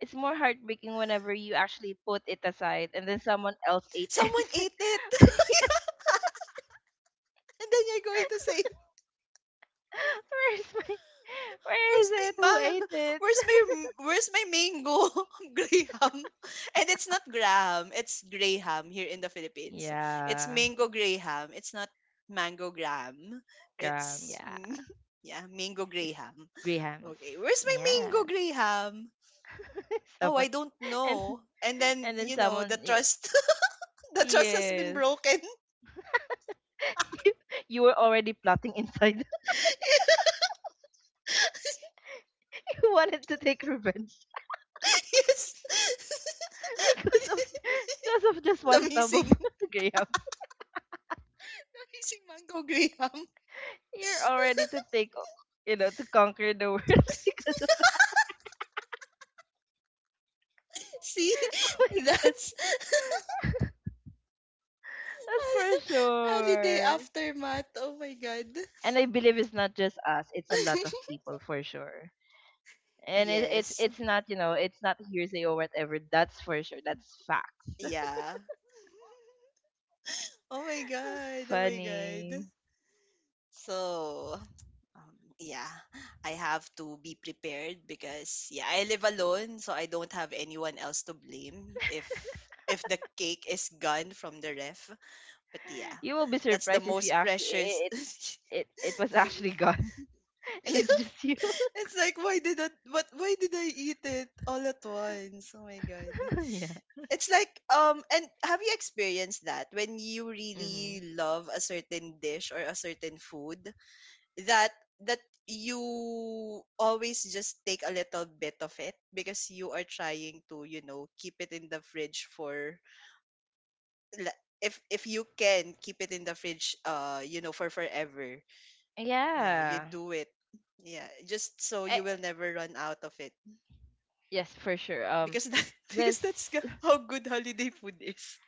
S2: It's more heartbreaking whenever you actually put it aside and then someone else ate it.
S1: Someone ate it, and then you're going to say,
S2: It's like, yes, where
S1: where's
S2: is it? Who ate it?
S1: where's my mango Graham? And it's not Graham, it's Graham here in the Philippines. It's
S2: Yeah,
S1: mango Graham. It's not mango Graham.
S2: Graham.
S1: It's
S2: Yeah,
S1: yeah, mango
S2: it's
S1: Graham.
S2: Graham's.
S1: Okay, where's my mango
S2: Yeah,
S1: Graham? Oh,
S2: someone
S1: I don't
S2: and
S1: know. And then
S2: and then
S1: you know
S2: someone
S1: the
S2: you
S1: trust, the trust has been
S2: yes
S1: broken.
S2: you, you were already plotting inside. You wanted to take revenge
S1: Yes.
S2: because of because of just
S1: the
S2: one tub of
S1: missing the
S2: Graham.
S1: missing mango Graham.
S2: You're already to take o- You know, to conquer the world because of,
S1: See,
S2: oh my god,
S1: that's
S2: that's for
S1: holiday
S2: sure.
S1: aftermath. Oh my god.
S2: And I believe it's not just us; it's a lot of people for sure. And it, it's
S1: Yes.
S2: it's not, you know, it's not hearsay or whatever. That's for sure, that's facts. That's
S1: Yeah. Oh my god. Oh my god.
S2: funny.
S1: So, yeah, I have to be prepared because yeah, I live alone, so I don't have anyone else to blame if the cake is gone from the ref. But yeah,
S2: You will be
S1: that's the
S2: surprised if you
S1: most
S2: actually
S1: precious.
S2: it it, it, it was actually gone and it's just you.
S1: It's like, why did that what why did I eat it all at once? Oh my god.
S2: Yeah.
S1: It's like and have you experienced that when you
S2: Hmm.
S1: really love a certain dish or a certain food that that you always just take a little bit of it because you are trying to, you know, keep it in the fridge for if you can keep it in the fridge you know for forever, yeah, you
S2: Yeah.
S1: do it. Yeah, just so
S2: I,
S1: you will never run out of it.
S2: yes, for sure.
S1: Because that because that's
S2: This.
S1: how good holiday food is.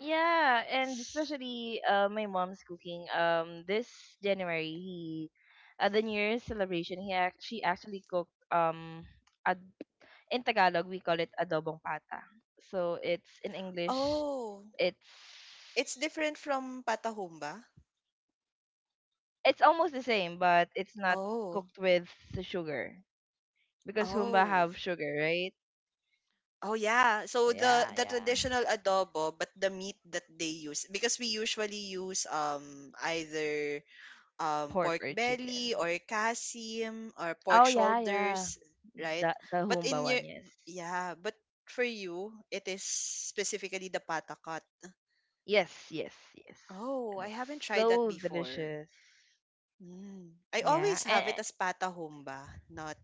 S2: Yeah, and especially my mom's cooking. This January, he— at the New Year's celebration, she actually cooked, a in Tagalog we call it adobong pata. So, it's in English,
S1: Oh,
S2: it's
S1: it's different from patahumba.
S2: it's almost the same, but it's not
S1: Oh,
S2: cooked with the sugar because humba
S1: oh,
S2: have sugar, right?
S1: oh yeah. So the
S2: Yeah,
S1: the
S2: yeah.
S1: traditional adobo, but the meat that they use, because we usually use either
S2: Pork
S1: pork
S2: or
S1: belly
S2: chicken.
S1: or kasim or pork
S2: Oh yeah, yeah.
S1: shoulders, right?
S2: The
S1: But
S2: humba
S1: in your,
S2: one, yes.
S1: yeah, but for you, it is specifically the patakot.
S2: Yes, yes, yes.
S1: Oh,
S2: And
S1: I
S2: it's
S1: haven't tried that
S2: so
S1: before.
S2: delicious.
S1: Mm. I
S2: Yeah.
S1: always
S2: And
S1: have it as patahumba, not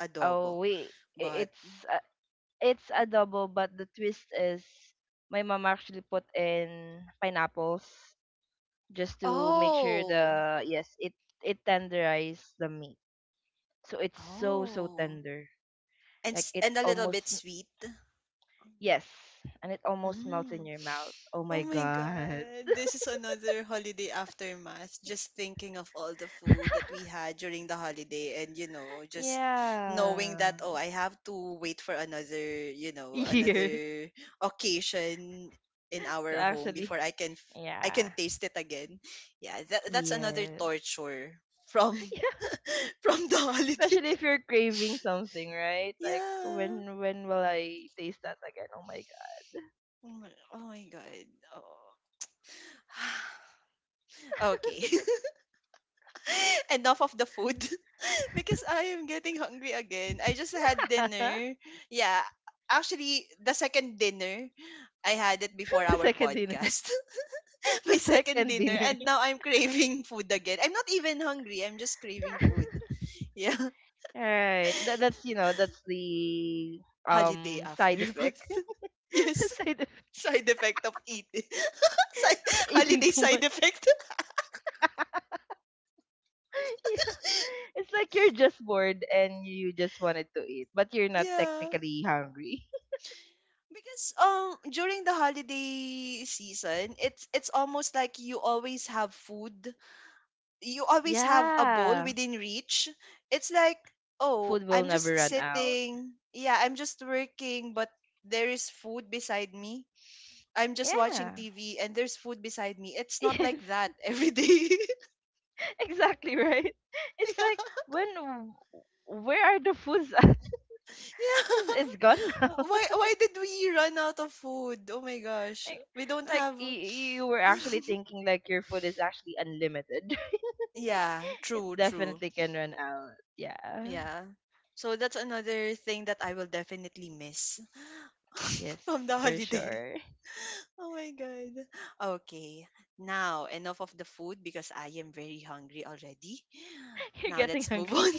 S1: adobo.
S2: oh wait,
S1: But,
S2: it's— it's adobo, but the twist is my mom actually put in pineapples just to make sure
S1: oh,
S2: the— yes, it— it tenderize the meat. So it's so so
S1: oh.
S2: tender.
S1: And,
S2: Like it
S1: and a little
S2: almost—
S1: bit sweet.
S2: yes, and it almost melts in
S1: Mm.
S2: your mouth. Oh
S1: Oh
S2: my
S1: my
S2: god.
S1: God. This is another holiday aftermath. Just thinking of all the food that we had during the holiday and, you know, just knowing that,
S2: Yeah.
S1: oh, I have to wait for another, you know,
S2: Here
S1: another occasion in
S2: to
S1: our home
S2: actually.
S1: before I can
S2: Yeah.
S1: taste it again. Yeah, that's another
S2: Yes.
S1: torture from
S2: Yeah.
S1: from the holiday.
S2: Especially if you're craving something, right? Like
S1: Yeah.
S2: when— when will I taste that again? Oh my
S1: Oh my God. Oh. Okay. Enough of the food because I am getting hungry again. I just had
S2: god.
S1: dinner. Yeah, actually, the second dinner, I had it before
S2: The
S1: our
S2: second dinner.
S1: podcast.
S2: The
S1: My second
S2: second
S1: dinner,
S2: dinner.
S1: and now I'm craving food again. I'm not even hungry, I'm just craving food. Yeah,
S2: All right, that's, you know, that's the
S1: holiday
S2: side effect.
S1: afterbirth. Yes,
S2: Side effect.
S1: side effect of eating. Side,
S2: Eating
S1: holiday
S2: too
S1: side
S2: much.
S1: effect.
S2: Yeah, it's like you're just bored and you just wanted to eat but you're not
S1: Yeah.
S2: technically hungry.
S1: Because during the holiday season, it's almost like you always have food. You always have a bowl
S2: Yeah,
S1: within reach. It's like, oh,
S2: food will
S1: I'm
S2: never
S1: just
S2: run out.
S1: sitting. Yeah, I'm just working, but there is food beside me. I'm just watching
S2: Yeah.
S1: TV and there's food beside me. It's not
S2: Yes.
S1: like that every day.
S2: Exactly, right. It's
S1: Yeah.
S2: like when where are the foods at?
S1: Yeah.
S2: It's gone now.
S1: Why did we run out of food? Oh my gosh.
S2: like,
S1: We don't
S2: like
S1: have.
S2: you were actually thinking like your food is actually unlimited.
S1: Yeah,
S2: It
S1: true, true.
S2: definitely can run out. Yeah.
S1: Yeah. So that's another thing that I will definitely miss
S2: Yes,
S1: from the
S2: for
S1: holiday.
S2: sure.
S1: Oh my god. Okay. Now, enough of the food because I am very hungry already.
S2: You're
S1: Now
S2: getting
S1: let's move
S2: hungry.
S1: on.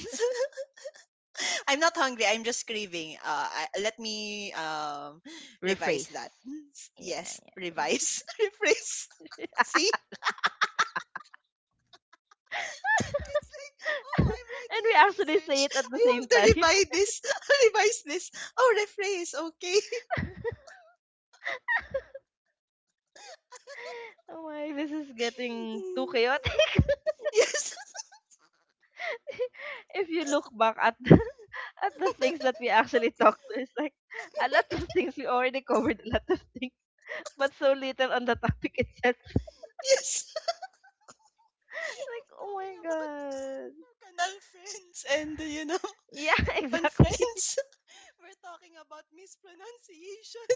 S1: I'm not hungry, I'm just craving. Let me revise
S2: Rephrase.
S1: that.
S2: Yeah,
S1: Yes,
S2: yeah, yeah.
S1: revise. Rephrase. See? It's like, oh, I'm
S2: And
S1: writing
S2: we
S1: a
S2: actually
S1: research.
S2: say it at the
S1: I
S2: same
S1: have to
S2: time.
S1: revise this. Revise this. Oh, rephrase. Okay.
S2: Oh my, this is getting too chaotic.
S1: Yes.
S2: If you look back at the, at the things that we actually talked to, it's like a lot of things we already covered, a lot of things, but so little on the topic itself.
S1: Yes.
S2: Like,
S1: We're
S2: oh
S1: talking
S2: my
S1: about
S2: god.
S1: canal friends and, you know,
S2: Yeah,
S1: aircon
S2: exactly.
S1: friends. We're talking about mispronunciation.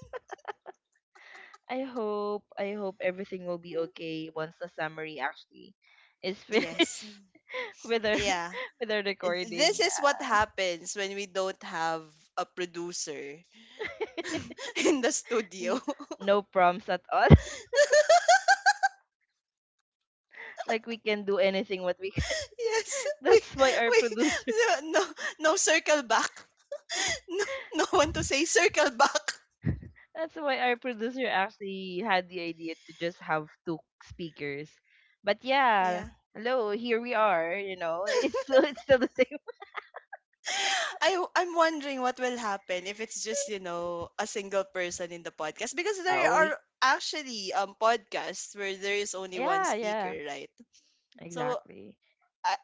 S2: I hope— I hope everything will be okay once the summary actually is
S1: Yes.
S2: finished with our
S1: Yeah.
S2: with our recording.
S1: This is what
S2: Yeah.
S1: happens when we don't have a producer in the studio.
S2: N- no prompts at all. Like we can do anything what we can.
S1: Yes, we
S2: That's why our
S1: we
S2: producer—
S1: no no no circle back. No, no one to say circle back.
S2: that's why our producer actually had the idea to just have two speakers. But yeah,
S1: Yeah.
S2: hello, here we are, you know. It's still— it's still the same.
S1: I I'm wondering what will happen if it's just you know a single person in the podcast, because there
S2: Oh,
S1: are
S2: we—
S1: actually podcasts where there is only one
S2: yeah,
S1: speaker,
S2: yeah.
S1: right? So
S2: Exactly.
S1: I,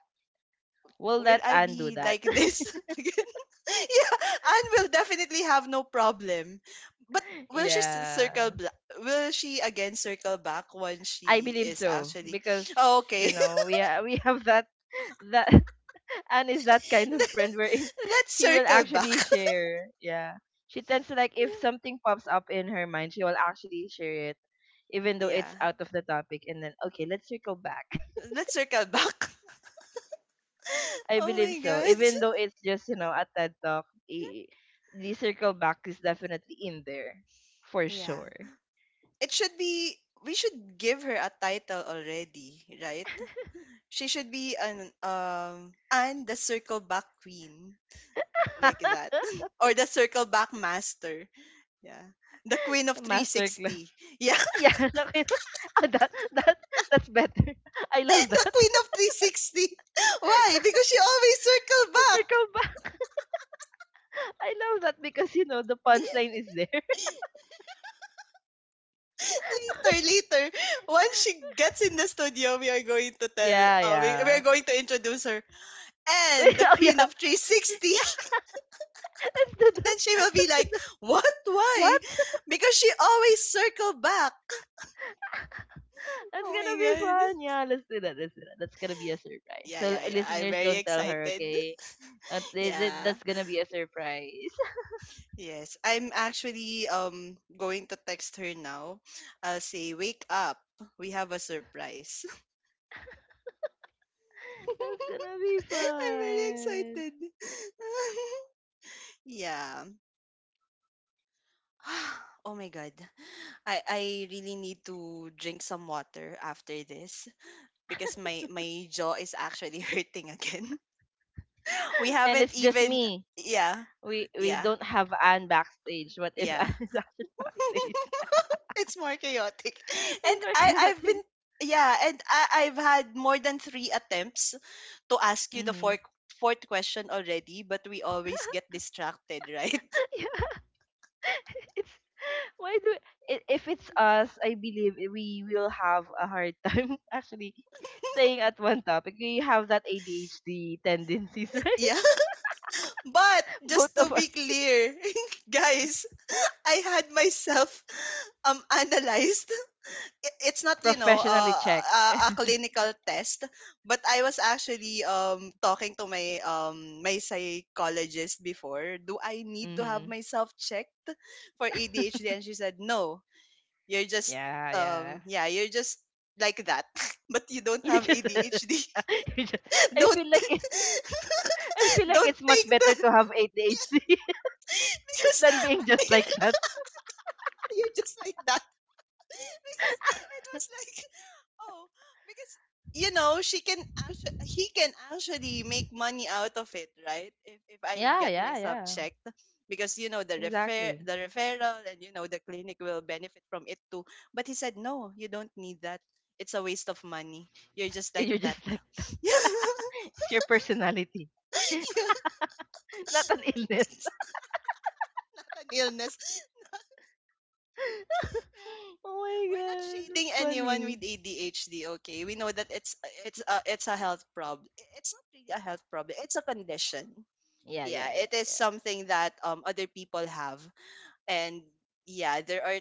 S2: Will
S1: will
S2: that
S1: I
S2: undo
S1: be
S2: that?
S1: like this again? Yeah, Anne will definitely have no problem, but will
S2: Yeah,
S1: circle? Will she again circle back when
S2: I
S1: she
S2: believe
S1: is
S2: so
S1: actually?
S2: because,
S1: Oh,
S2: you
S1: okay,
S2: know, we have that that Anne is that kind of friend wherein
S1: let's
S2: she will
S1: circle
S2: actually
S1: back.
S2: share. Yeah, she tends to— like if something pops up in her mind, she will actually share it, even though
S1: Yeah,
S2: it's out of the topic. And then okay, let's circle back.
S1: let's circle back.
S2: I
S1: Oh
S2: believe
S1: my
S2: so,
S1: god.
S2: even though it's just, you know, a TED talk. i- The circle back is definitely in there for
S1: Yeah.
S2: sure.
S1: It should be, we should give her a title already, right? She should be an and the circle back queen, like that, or the circle back master. Yeah. The queen of
S2: Masterclass.
S1: 360. Yeah.
S2: Yeah, naki— oh, that that's better. I love
S1: The
S2: that.
S1: queen of 360. Why? Because she always circle back.
S2: Circle back. I love that because, you know, the punchline is there.
S1: Later, later, once she gets in the studio, we are going to tell,
S2: Yeah,
S1: we are
S2: yeah.
S1: going to introduce her
S2: Wait,
S1: and the
S2: oh yeah,
S1: queen of 360.
S2: yeah. Let's do
S1: And
S2: that.
S1: then she will be like, what? Why?
S2: What?
S1: Because she always circle back.
S2: That's
S1: Oh my
S2: gonna be
S1: god.
S2: fun. Yeah, let's do that. Let's do that. That's gonna be a surprise.
S1: Yeah,
S2: So
S1: yeah,
S2: our
S1: yeah. I'm
S2: listeners,
S1: very
S2: don't tell her,
S1: excited.
S2: okay?
S1: Yeah.
S2: That's gonna be a surprise.
S1: Yes. I'm actually going to text her now. I'll say, wake up. We have a surprise.
S2: That's gonna be
S1: I'm very
S2: fun.
S1: excited. Yeah. Oh my god. I really need to drink some water after this, because my jaw is actually hurting again. We
S2: And
S1: haven't
S2: it's just
S1: even
S2: me.
S1: yeah,
S2: We— we
S1: yeah,
S2: don't have Anne backstage. What if
S1: yeah.
S2: Anne is actually backstage?
S1: It's more chaotic. And
S2: It's
S1: I
S2: very
S1: I've
S2: chaotic.
S1: been yeah, and I've had more than 3 attempts to ask you the
S2: Mm-hmm.
S1: fourth question already, but we always get distracted, right?
S2: Yeah, it's— why do— if it's us, I believe we will have a hard time actually staying at one topic. We have that ADHD tendencies, right?
S1: Yeah. But
S2: Both
S1: just to
S2: of us
S1: be clear, guys, I had myself analyzed. I It's not, you know,
S2: professionally checked.
S1: a, a clinical test, but I was actually talking to my psychologist before. Do I need to have
S2: Mm-hmm.
S1: myself checked for ADHD? And she said, no, you're just
S2: Yeah, yeah.
S1: yeah, you're just like that, but you don't
S2: You
S1: have
S2: just,
S1: ADHD.
S2: you just. I
S1: Don't
S2: feel like it. I feel like
S1: don't
S2: it's much
S1: take
S2: better
S1: the
S2: to have ADHD
S1: because
S2: than being just like that.
S1: you're just like that. Because it was like, oh, because you know she can actually he can actually make money out of it, right? If I
S2: Yeah,
S1: get
S2: yeah,
S1: myself
S2: yeah.
S1: checked, because you know
S2: Exactly.
S1: the referral and you know the clinic will benefit from it too. But he said no, you don't need that. It's a waste of money. You're just like
S2: You're
S1: that.
S2: just like.
S1: Yeah.
S2: It's your personality.
S1: Yeah. Oh my
S2: Not an
S1: God,
S2: illness.
S1: it's not an illness.
S2: Oh my
S1: We're not
S2: god, that's
S1: shading anyone
S2: funny.
S1: with ADHD, okay? We know that it's it's a health problem. It's not really a health problem. It's a condition.
S2: Yeah, yeah,
S1: Yeah, it is something that other people have, and yeah, there are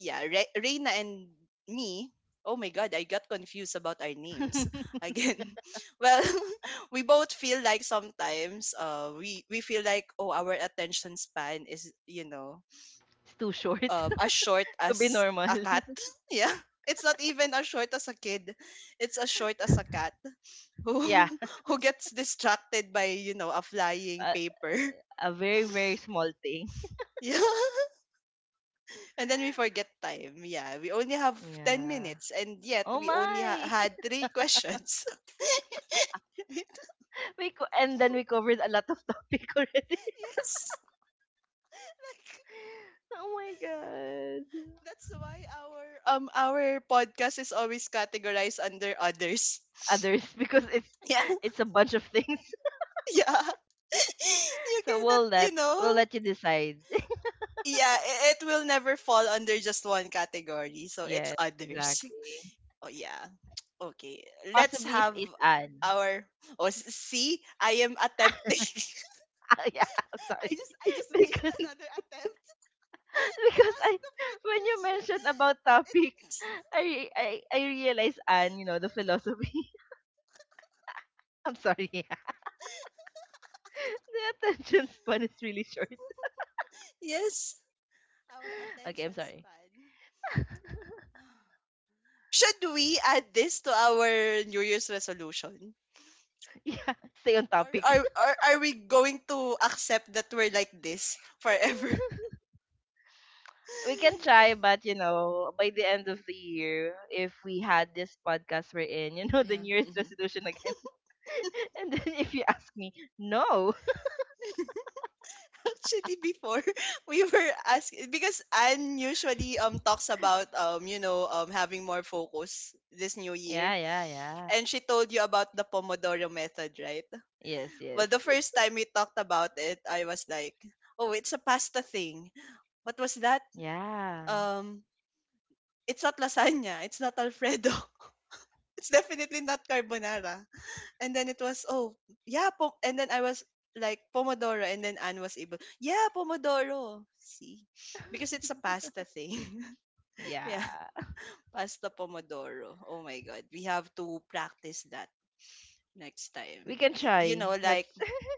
S1: yeah Reina and me. Oh my God, I got confused about our
S2: yeah.
S1: names again. Well, we both feel like sometimes we feel like oh our attention span is you know
S2: It's too short
S1: as short
S2: to be
S1: as
S2: normal.
S1: a cat. Yeah. It's not even as short as a kid. It's as short as a cat who
S2: Yeah,
S1: who gets distracted by, you know, a flying
S2: a,
S1: paper.
S2: a very very small thing.
S1: Yeah. And then we forget time. Yeah. We only have 10
S2: Yeah.
S1: minutes and yet
S2: Oh
S1: we only
S2: my.
S1: had three questions.
S2: And then we covered a lot of topic already.
S1: Yes. Like
S2: Oh my god.
S1: that's why our podcast is always categorized under others.
S2: Others because it's—
S1: Yeah.
S2: it's a bunch of things.
S1: Yeah. You
S2: So
S1: cannot,
S2: we'll
S1: you
S2: let— we'll
S1: know.
S2: let you decide.
S1: Yeah, it will never fall under just one category. So it's
S2: Yes,
S1: others.
S2: exactly.
S1: Oh yeah. Okay. Let's
S2: Possibly if
S1: have
S2: it's Anne.
S1: our see, I am attempting.
S2: Ah, yeah, I'm sorry.
S1: I just made
S2: Because
S1: another attempt to
S2: because
S1: ask
S2: I—
S1: the fourth
S2: when you
S1: question.
S2: mentioned about
S1: But it
S2: topic, I re- I realize Anne, you know, the philosophy. I'm sorry. Yeah. The attention span is really short.
S1: Yes, our
S2: Okay, I'm
S1: attention
S2: sorry.
S1: span. Should we add this to our New Year's resolution?
S2: Yeah, stay on
S1: Are,
S2: topic.
S1: are, are, are we going to accept that we're like this forever?
S2: We can try, but you know, by the end of the year, if we had this podcast we're in, you know, the
S1: Yeah.
S2: New Year's
S1: Mhm.
S2: resolution again. And then if you ask me, no.
S1: Actually, before we were asking because Anne usually talks about having more focus this new year,
S2: Yeah, yeah, yeah.
S1: and she told you about the Pomodoro method, right?
S2: Yes,
S1: Well,
S2: yes.
S1: the first time we talked about it, I was like, oh, it's a pasta thing. What was that?
S2: Yeah.
S1: Um, it's not lasagna. It's not Alfredo. It's definitely not carbonara. And then it was, oh, yeah, po and then I was like Pomodoro, and then Anne was able, yeah, Pomodoro. See? Because it's a pasta thing. Yeah.
S2: Yeah.
S1: Pasta Pomodoro. Oh my God, we have to practice that next
S2: We
S1: time.
S2: can
S1: You
S2: try.
S1: know, like,
S2: Let's.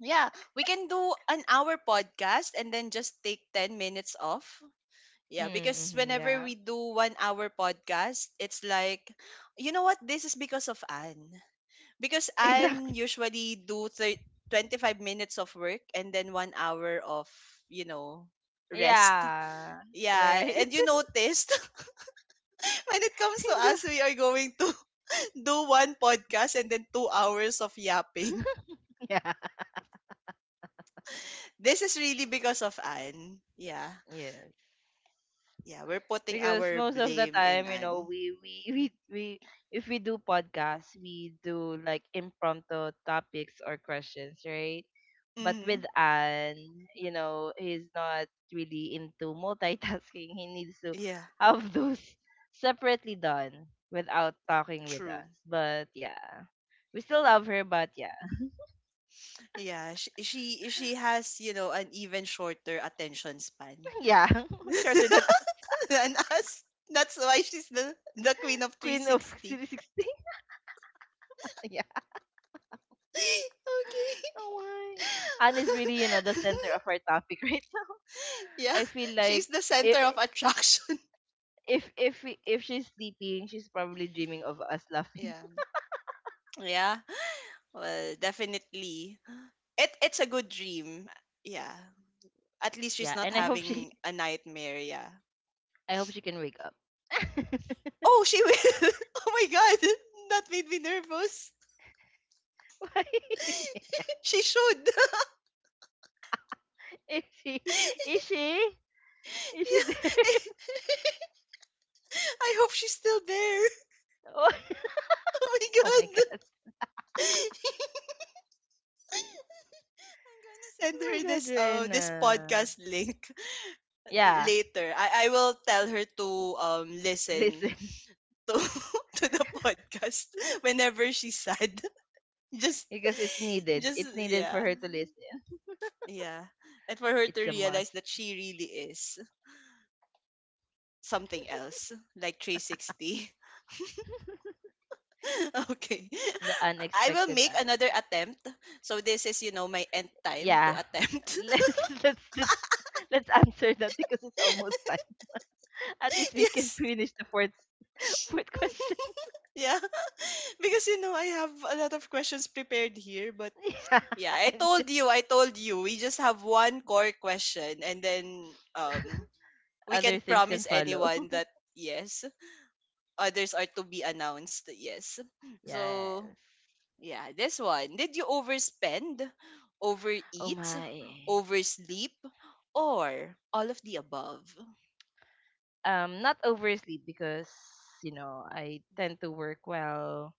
S1: yeah, we can do an hour podcast and then just take 10 minutes off. Yeah, because
S2: Mm-hmm,
S1: whenever
S2: yeah.
S1: we do 1 hour podcast, it's like, you know what? This is because of Anne. Because
S2: Exactly.
S1: Anne usually do 25 minutes of work and then 1 hour of, you know, rest.
S2: Yeah.
S1: Yeah,
S2: Right.
S1: and you noticed when it comes to us,
S2: Exactly.
S1: we are going to do one podcast and then 2 hours of yapping.
S2: Yeah.
S1: This is really because of Anne. Yeah.
S2: Yes.
S1: Yeah, we're putting
S2: Because
S1: our
S2: most of the
S1: blame in
S2: time, you know,
S1: Anne.
S2: we we if we do podcasts, we do like impromptu topics or questions, right? But with
S1: Mm-hmm.
S2: Anne, you know, he's not really into multitasking. He needs to
S1: Yeah,
S2: have those separately done without talking with
S1: true.
S2: us. But yeah. We still love her, but yeah.
S1: Yeah, she has, you know, an even shorter attention span.
S2: Yeah. Shorter than—
S1: And us. That's why she's the queen of
S2: Queen of
S1: 360.
S2: City 16? Yeah.
S1: Okay.
S2: Oh, why? Anne is really, you know, the center of our topic right now.
S1: Yeah,
S2: I feel like
S1: she's the center
S2: if—
S1: of attraction.
S2: if if she's sleeping, she's probably dreaming of us laughing.
S1: Yeah. Yeah. Well, definitely. It's a good dream. Yeah. At least she's
S2: Yeah,
S1: not
S2: and I hope she—
S1: having a nightmare, yeah.
S2: I hope she can wake up.
S1: Oh, she will. Oh my god. That made me nervous.
S2: Why?
S1: She should.
S2: Is she? Is she? Is she there?
S1: Yeah. I hope she's still there.
S2: Oh,
S1: Oh my
S2: oh my
S1: god.
S2: god.
S1: I'm gonna send
S2: Oh
S1: her
S2: my god,
S1: this this
S2: Rena.
S1: podcast link
S2: Yeah,
S1: later. I will tell her to listen
S2: listen.
S1: to to the podcast whenever she's sad. Just
S2: Because it's needed.
S1: just
S2: It's needed for
S1: yeah.
S2: her to listen.
S1: Yeah. And for her to
S2: It's a
S1: realize
S2: must.
S1: that she really is something else, like 360. Okay.
S2: The
S1: I will
S2: unexpected—
S1: make another attempt. So this is, you know, my end time to
S2: yeah.
S1: attempt.
S2: Let's let's— let's answer that because it's almost time. At least we can
S1: Yes.
S2: finish the fourth fourth question.
S1: Yeah. Because you know, I have a lot of questions prepared here, but
S2: Yeah.
S1: yeah,
S2: And
S1: I told you, we just have one core question and then we can't
S2: other things can
S1: promise
S2: follow.
S1: anyone that yes, others are to be announced, yes. So,
S2: Yes.
S1: yeah, this one. Did you overspend,
S2: Oh
S1: overeat,
S2: my.
S1: oversleep, or all of the above?
S2: Not oversleep because, you know, I tend to work well.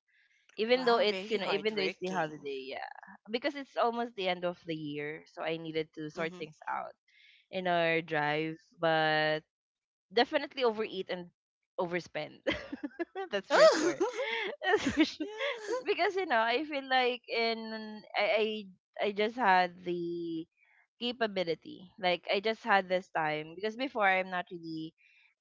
S2: Even though
S1: Wow,
S2: it's, you
S1: very
S2: know, even though it's the
S1: hardworking.
S2: holiday, yeah. Because it's almost the end of the year, so I needed to sort
S1: Mhm.
S2: things out in our drive, but definitely overeat and overspend. That's for
S1: Oh.
S2: sure. That's for sure.
S1: Yeah.
S2: It's because you know I feel like— I just had the capability. Like I just had this time because before I'm not really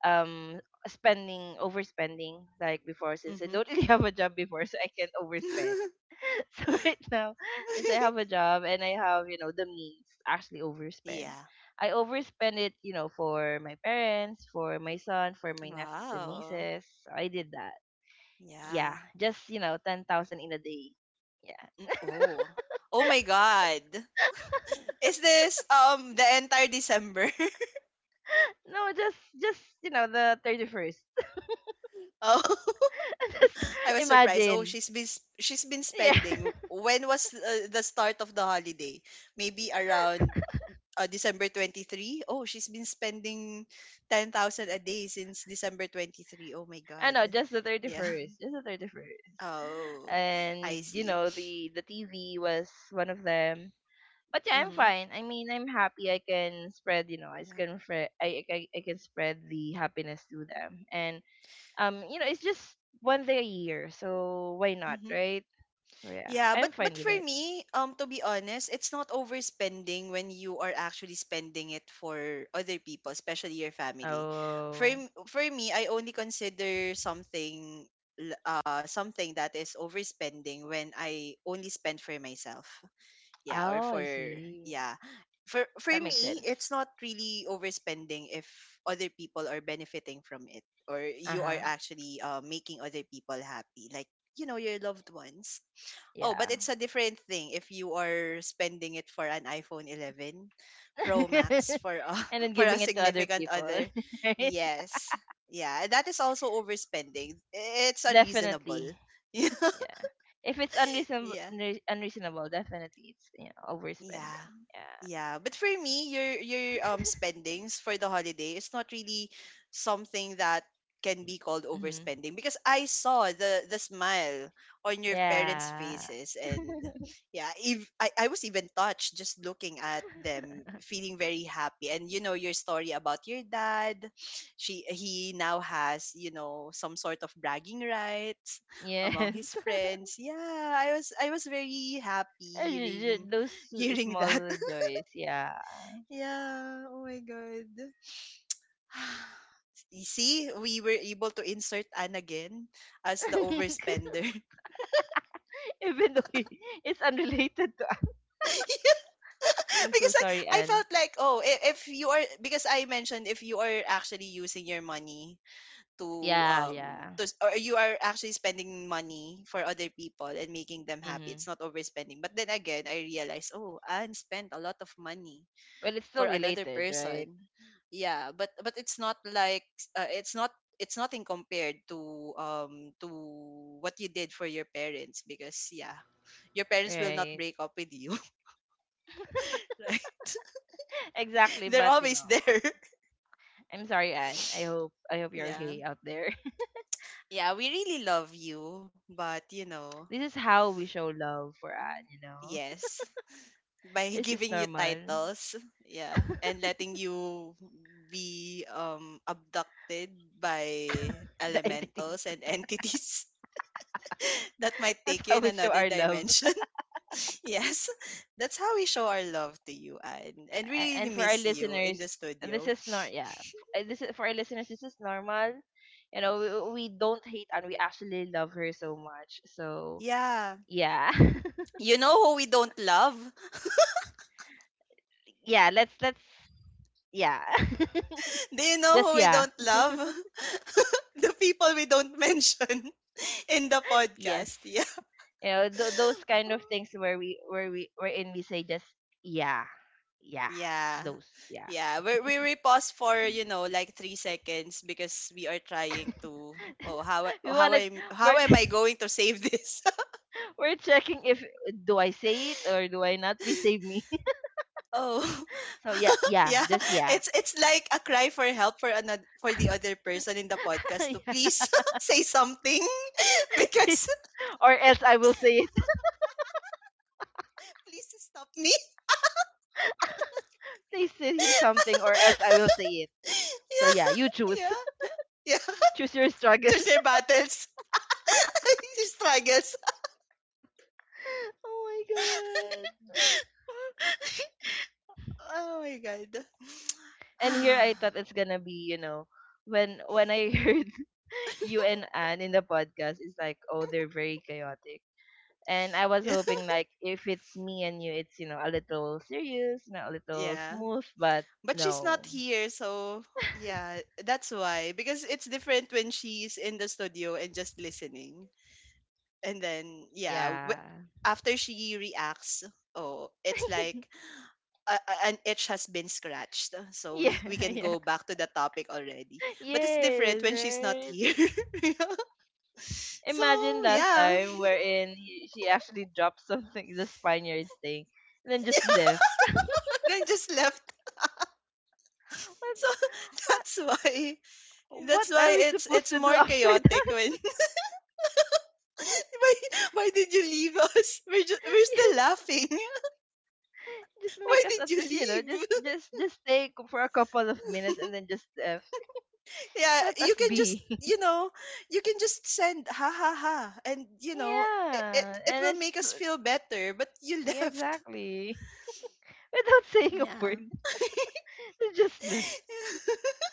S2: um spending— overspending like before since I
S1: Mhm.
S2: don't really have a job before, so I can overspend. So right now, since I have a job and I have, you know, the means to actually overspend,
S1: Yeah.
S2: I overspend it, you know, for my parents, for my son, for my nephews and
S1: Wow.
S2: nieces. So, I did that.
S1: Yeah.
S2: Yeah, just, you know, 10,000 in a day. Yeah,
S1: Mm. Oh. Oh my God. Is this the entire December?
S2: no, just, you know, the 31st.
S1: Oh,
S2: Just
S1: I was surprised. Oh,
S2: imagine.
S1: she's been
S2: Yeah,
S1: spending. When was the start of the holiday? Maybe around December 23. Oh, she's been spending 10,000 a day since December 23. Oh my
S2: I
S1: God.
S2: know, just the thirty
S1: Yeah.
S2: first, just the 31st.
S1: Oh, I
S2: And you
S1: see.
S2: know, the TV was one of them, but yeah, I'm
S1: Mhm.
S2: fine. I mean, I'm happy. I can spread, you know, I
S1: Yeah.
S2: can fre- I, I I can spread the happiness to them, and you know, it's just one day a year, so why not,
S1: Mm-hmm.
S2: right? So yeah,
S1: Yeah,
S2: I'm fine
S1: but
S2: with
S1: for
S2: it.
S1: me, to be honest, it's not overspending when you are actually spending it for other people, especially your family. For
S2: Oh,
S1: m- for me, I only consider something something that is overspending when I only spend for myself. Yeah, or
S2: oh,
S1: for
S2: I see.
S1: yeah. For
S2: That makes
S1: me,
S2: sense.
S1: it's not really overspending if other people are benefiting from it or
S2: Uh
S1: you are
S2: huh.
S1: actually making other people happy, like you know your loved ones. Oh, but
S2: Yeah.
S1: it's a different thing if you are spending it for an iPhone 11 Pro Max for a
S2: And then
S1: for
S2: giving
S1: a
S2: it to other
S1: significant
S2: people,
S1: other.
S2: right?
S1: Yes. Yeah, that is also overspending. It's unreasonable.
S2: Definitely. Yeah. If it's unreasonable,
S1: Yeah.
S2: unreasonable, definitely it's, you know,
S1: Yeah.
S2: overspending. Yeah.
S1: Yeah, but for me, your spendings for the holiday is not really something that can be called
S2: Hmm.
S1: overspending, because I saw the smile on your parents'
S2: Yeah.
S1: faces, and yeah, if I was even touched just looking at them, feeling very happy. And you know your story about your dad. She he now has, you know, some sort of bragging rights among
S2: Yes.
S1: his friends. Yeah, I was very happy hearing
S2: Those
S1: hearing that.
S2: small joys, yeah.
S1: Yeah. Oh my god. You see, we were able to insert Anne again as the overspender.
S2: Even though it's unrelated to. I'm so
S1: Because I,
S2: sorry,
S1: I
S2: Anne.
S1: felt like, oh, if you are, because I mentioned if you are actually using your money to
S2: Yeah, yeah.
S1: or you are actually spending money for other people and making them happy,
S2: Mm-hmm.
S1: it's not overspending. But then again I realized, oh, Anne spent a lot of money
S2: Well, it's still
S1: for another
S2: related, right?
S1: person. Yeah, but it's not like, it's not, it's nothing compared to what you did for your parents, because yeah, your parents will not
S2: Right.
S1: break up with you. Right,
S2: Exactly,
S1: they're
S2: but you
S1: always
S2: know,
S1: there.
S2: I'm sorry, Anne. I hope— I hope you're
S1: Yeah,
S2: okay out there.
S1: yeah, we really love you, but you know,
S2: This is how we show love for Anne. You know,
S1: yes, by
S2: it's just
S1: giving you
S2: normal.
S1: titles, yeah, and letting you be abducted by
S2: The entities.
S1: elementals and entities that might
S2: That's
S1: take you
S2: how
S1: in
S2: we show
S1: another
S2: our love.
S1: dimension. Yes, that's how we show our love to you, Anne. And we
S2: a-
S1: really
S2: and for our
S1: miss you in the
S2: listeners, this
S1: studio.
S2: is not— yeah. This is for our listeners. This is normal. You know, we don't hate and we actually love her so much. So
S1: Yeah.
S2: yeah,
S1: You know who we don't love?
S2: yeah. Let's— let's yeah.
S1: Do you know
S2: Just
S1: who we
S2: yeah.
S1: don't love? The people we don't mention in the
S2: Yes.
S1: podcast. Yeah.
S2: You know those kind of things where we wherein we say just yeah, yeah.
S1: Yeah.
S2: Those yeah.
S1: Yeah, we pause for you know like 3 seconds because we are trying to, oh, how
S2: We wanna—
S1: how
S2: we're
S1: am I going to save this.
S2: we're checking if— do I say it or do I not? Please save me.
S1: Oh,
S2: So yeah, yeah,
S1: yeah.
S2: just yeah.
S1: It's like a cry for help for another for the other person in the podcast to
S2: Yeah.
S1: please say something. Because
S2: Or else I will say it.
S1: please stop me.
S2: Please say something, or else I will say it. So
S1: Yeah,
S2: yeah, you choose.
S1: yeah, yeah.
S2: Choose your struggle.
S1: Choose your battles, your struggles.
S2: Oh my god.
S1: Oh my god.
S2: And here I thought it's gonna be, you know, when— when I heard you and Anne in the podcast, it's like, oh, they're very chaotic. And I was
S1: Yeah.
S2: hoping like if it's me and you, it's, you know, a little serious, you know, a little
S1: Yeah.
S2: smooth, but
S1: But she's not
S2: no.
S1: here, so yeah, that's why, because it's different when she's in the studio and just listening, and then yeah
S2: Yeah.
S1: after she reacts, oh it's like an itch has been scratched, so we
S2: Yeah,
S1: can
S2: yeah.
S1: go back to the topic already. But it's different
S2: Yes,
S1: when she's not
S2: right.
S1: here. So
S2: Imagine last
S1: yeah,
S2: time wherein he, she actually dropped something, the Spaniards thing, and then just left.
S1: then just left,
S2: What,
S1: so that's why,
S2: what
S1: that's
S2: are
S1: why
S2: we supposed
S1: it's
S2: to do
S1: more
S2: after
S1: chaotic
S2: that?
S1: when Why, why did you leave us? We're, we're still
S2: Yes,
S1: laughing.
S2: just
S1: Why
S2: make us
S1: did
S2: at
S1: you
S2: least, you know,
S1: leave?
S2: just stay c- for a couple of minutes and then just left. Just
S1: Yeah,
S2: let
S1: you
S2: us
S1: can just,
S2: be.
S1: you know, you can just send ha ha ha. And, you know, it,
S2: Yeah,
S1: it, it
S2: and
S1: will
S2: it's—
S1: make us feel better. But you
S2: yeah,
S1: left.
S2: exactly without saying a
S1: Yeah.
S2: word, they just left.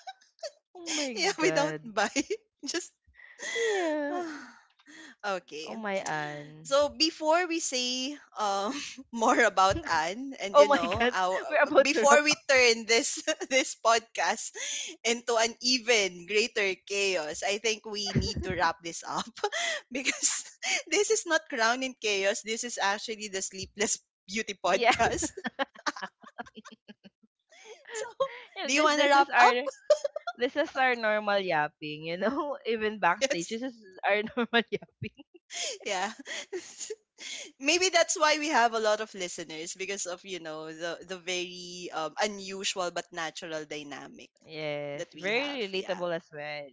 S2: Oh my
S1: Yeah, we don't
S2: god.
S1: buy. Just,
S2: Yeah.
S1: ah. Okay.
S2: Oh my an.
S1: So before we say more about Anne and
S2: Oh
S1: you
S2: my
S1: know
S2: god.
S1: our
S2: We're about to
S1: before
S2: wrap
S1: we
S2: up.
S1: turn this this podcast into an even greater chaos, I think we need to wrap this up because this is not Crown in Chaos. This is actually the Sleepless Beauty
S2: Yeah.
S1: podcast. So
S2: Yeah,
S1: do you
S2: this
S1: want to
S2: this
S1: wrap
S2: is our—
S1: up?
S2: this is our normal yapping, you know, even backstage.
S1: Yes.
S2: This is our normal yapping.
S1: Yeah. Maybe that's why we have a lot of listeners because of you know the very unusual but natural dynamic
S2: Yes,
S1: that we have.
S2: very
S1: Yeah.
S2: relatable as well.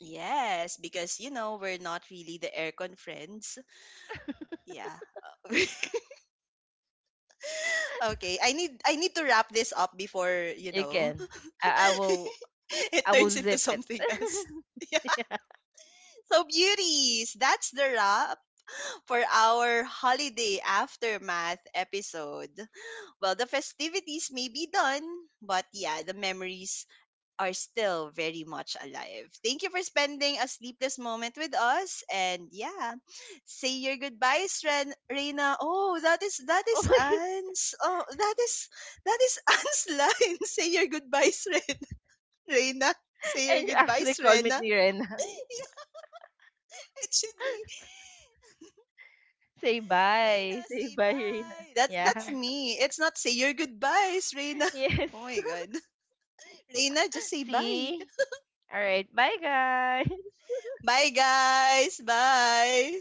S1: Yes, because you know we're not really the aircon friends. Yeah. Okay, I need to wrap this up before, you
S2: You
S1: know,
S2: can. I will.
S1: it
S2: I will
S1: turns into
S2: zip it.
S1: something else. Yeah.
S2: Yeah.
S1: So beauties, that's the wrap for our holiday aftermath episode. Well, the festivities may be done, but yeah, the memories are still very much alive. Thank you for spending a sleepless moment with us. And yeah, say your goodbyes, Reina. Oh, that
S2: Oh
S1: is
S2: my god.
S1: Anne's. Oh, that is Anne's line. Say your goodbyes, Reina. Say
S2: And you
S1: your
S2: actually
S1: goodbyes,
S2: call me
S1: Rena.
S2: Rena.
S1: Yeah, it should be
S2: Say
S1: Reina.
S2: bye. Say
S1: Say
S2: bye, Rena.
S1: bye.
S2: Yeah.
S1: That's me. It's not say your goodbyes, Reina.
S2: Yes.
S1: Oh my god. Reina, just say bye.
S2: See? Alright. Bye guys.
S1: Bye guys. Bye.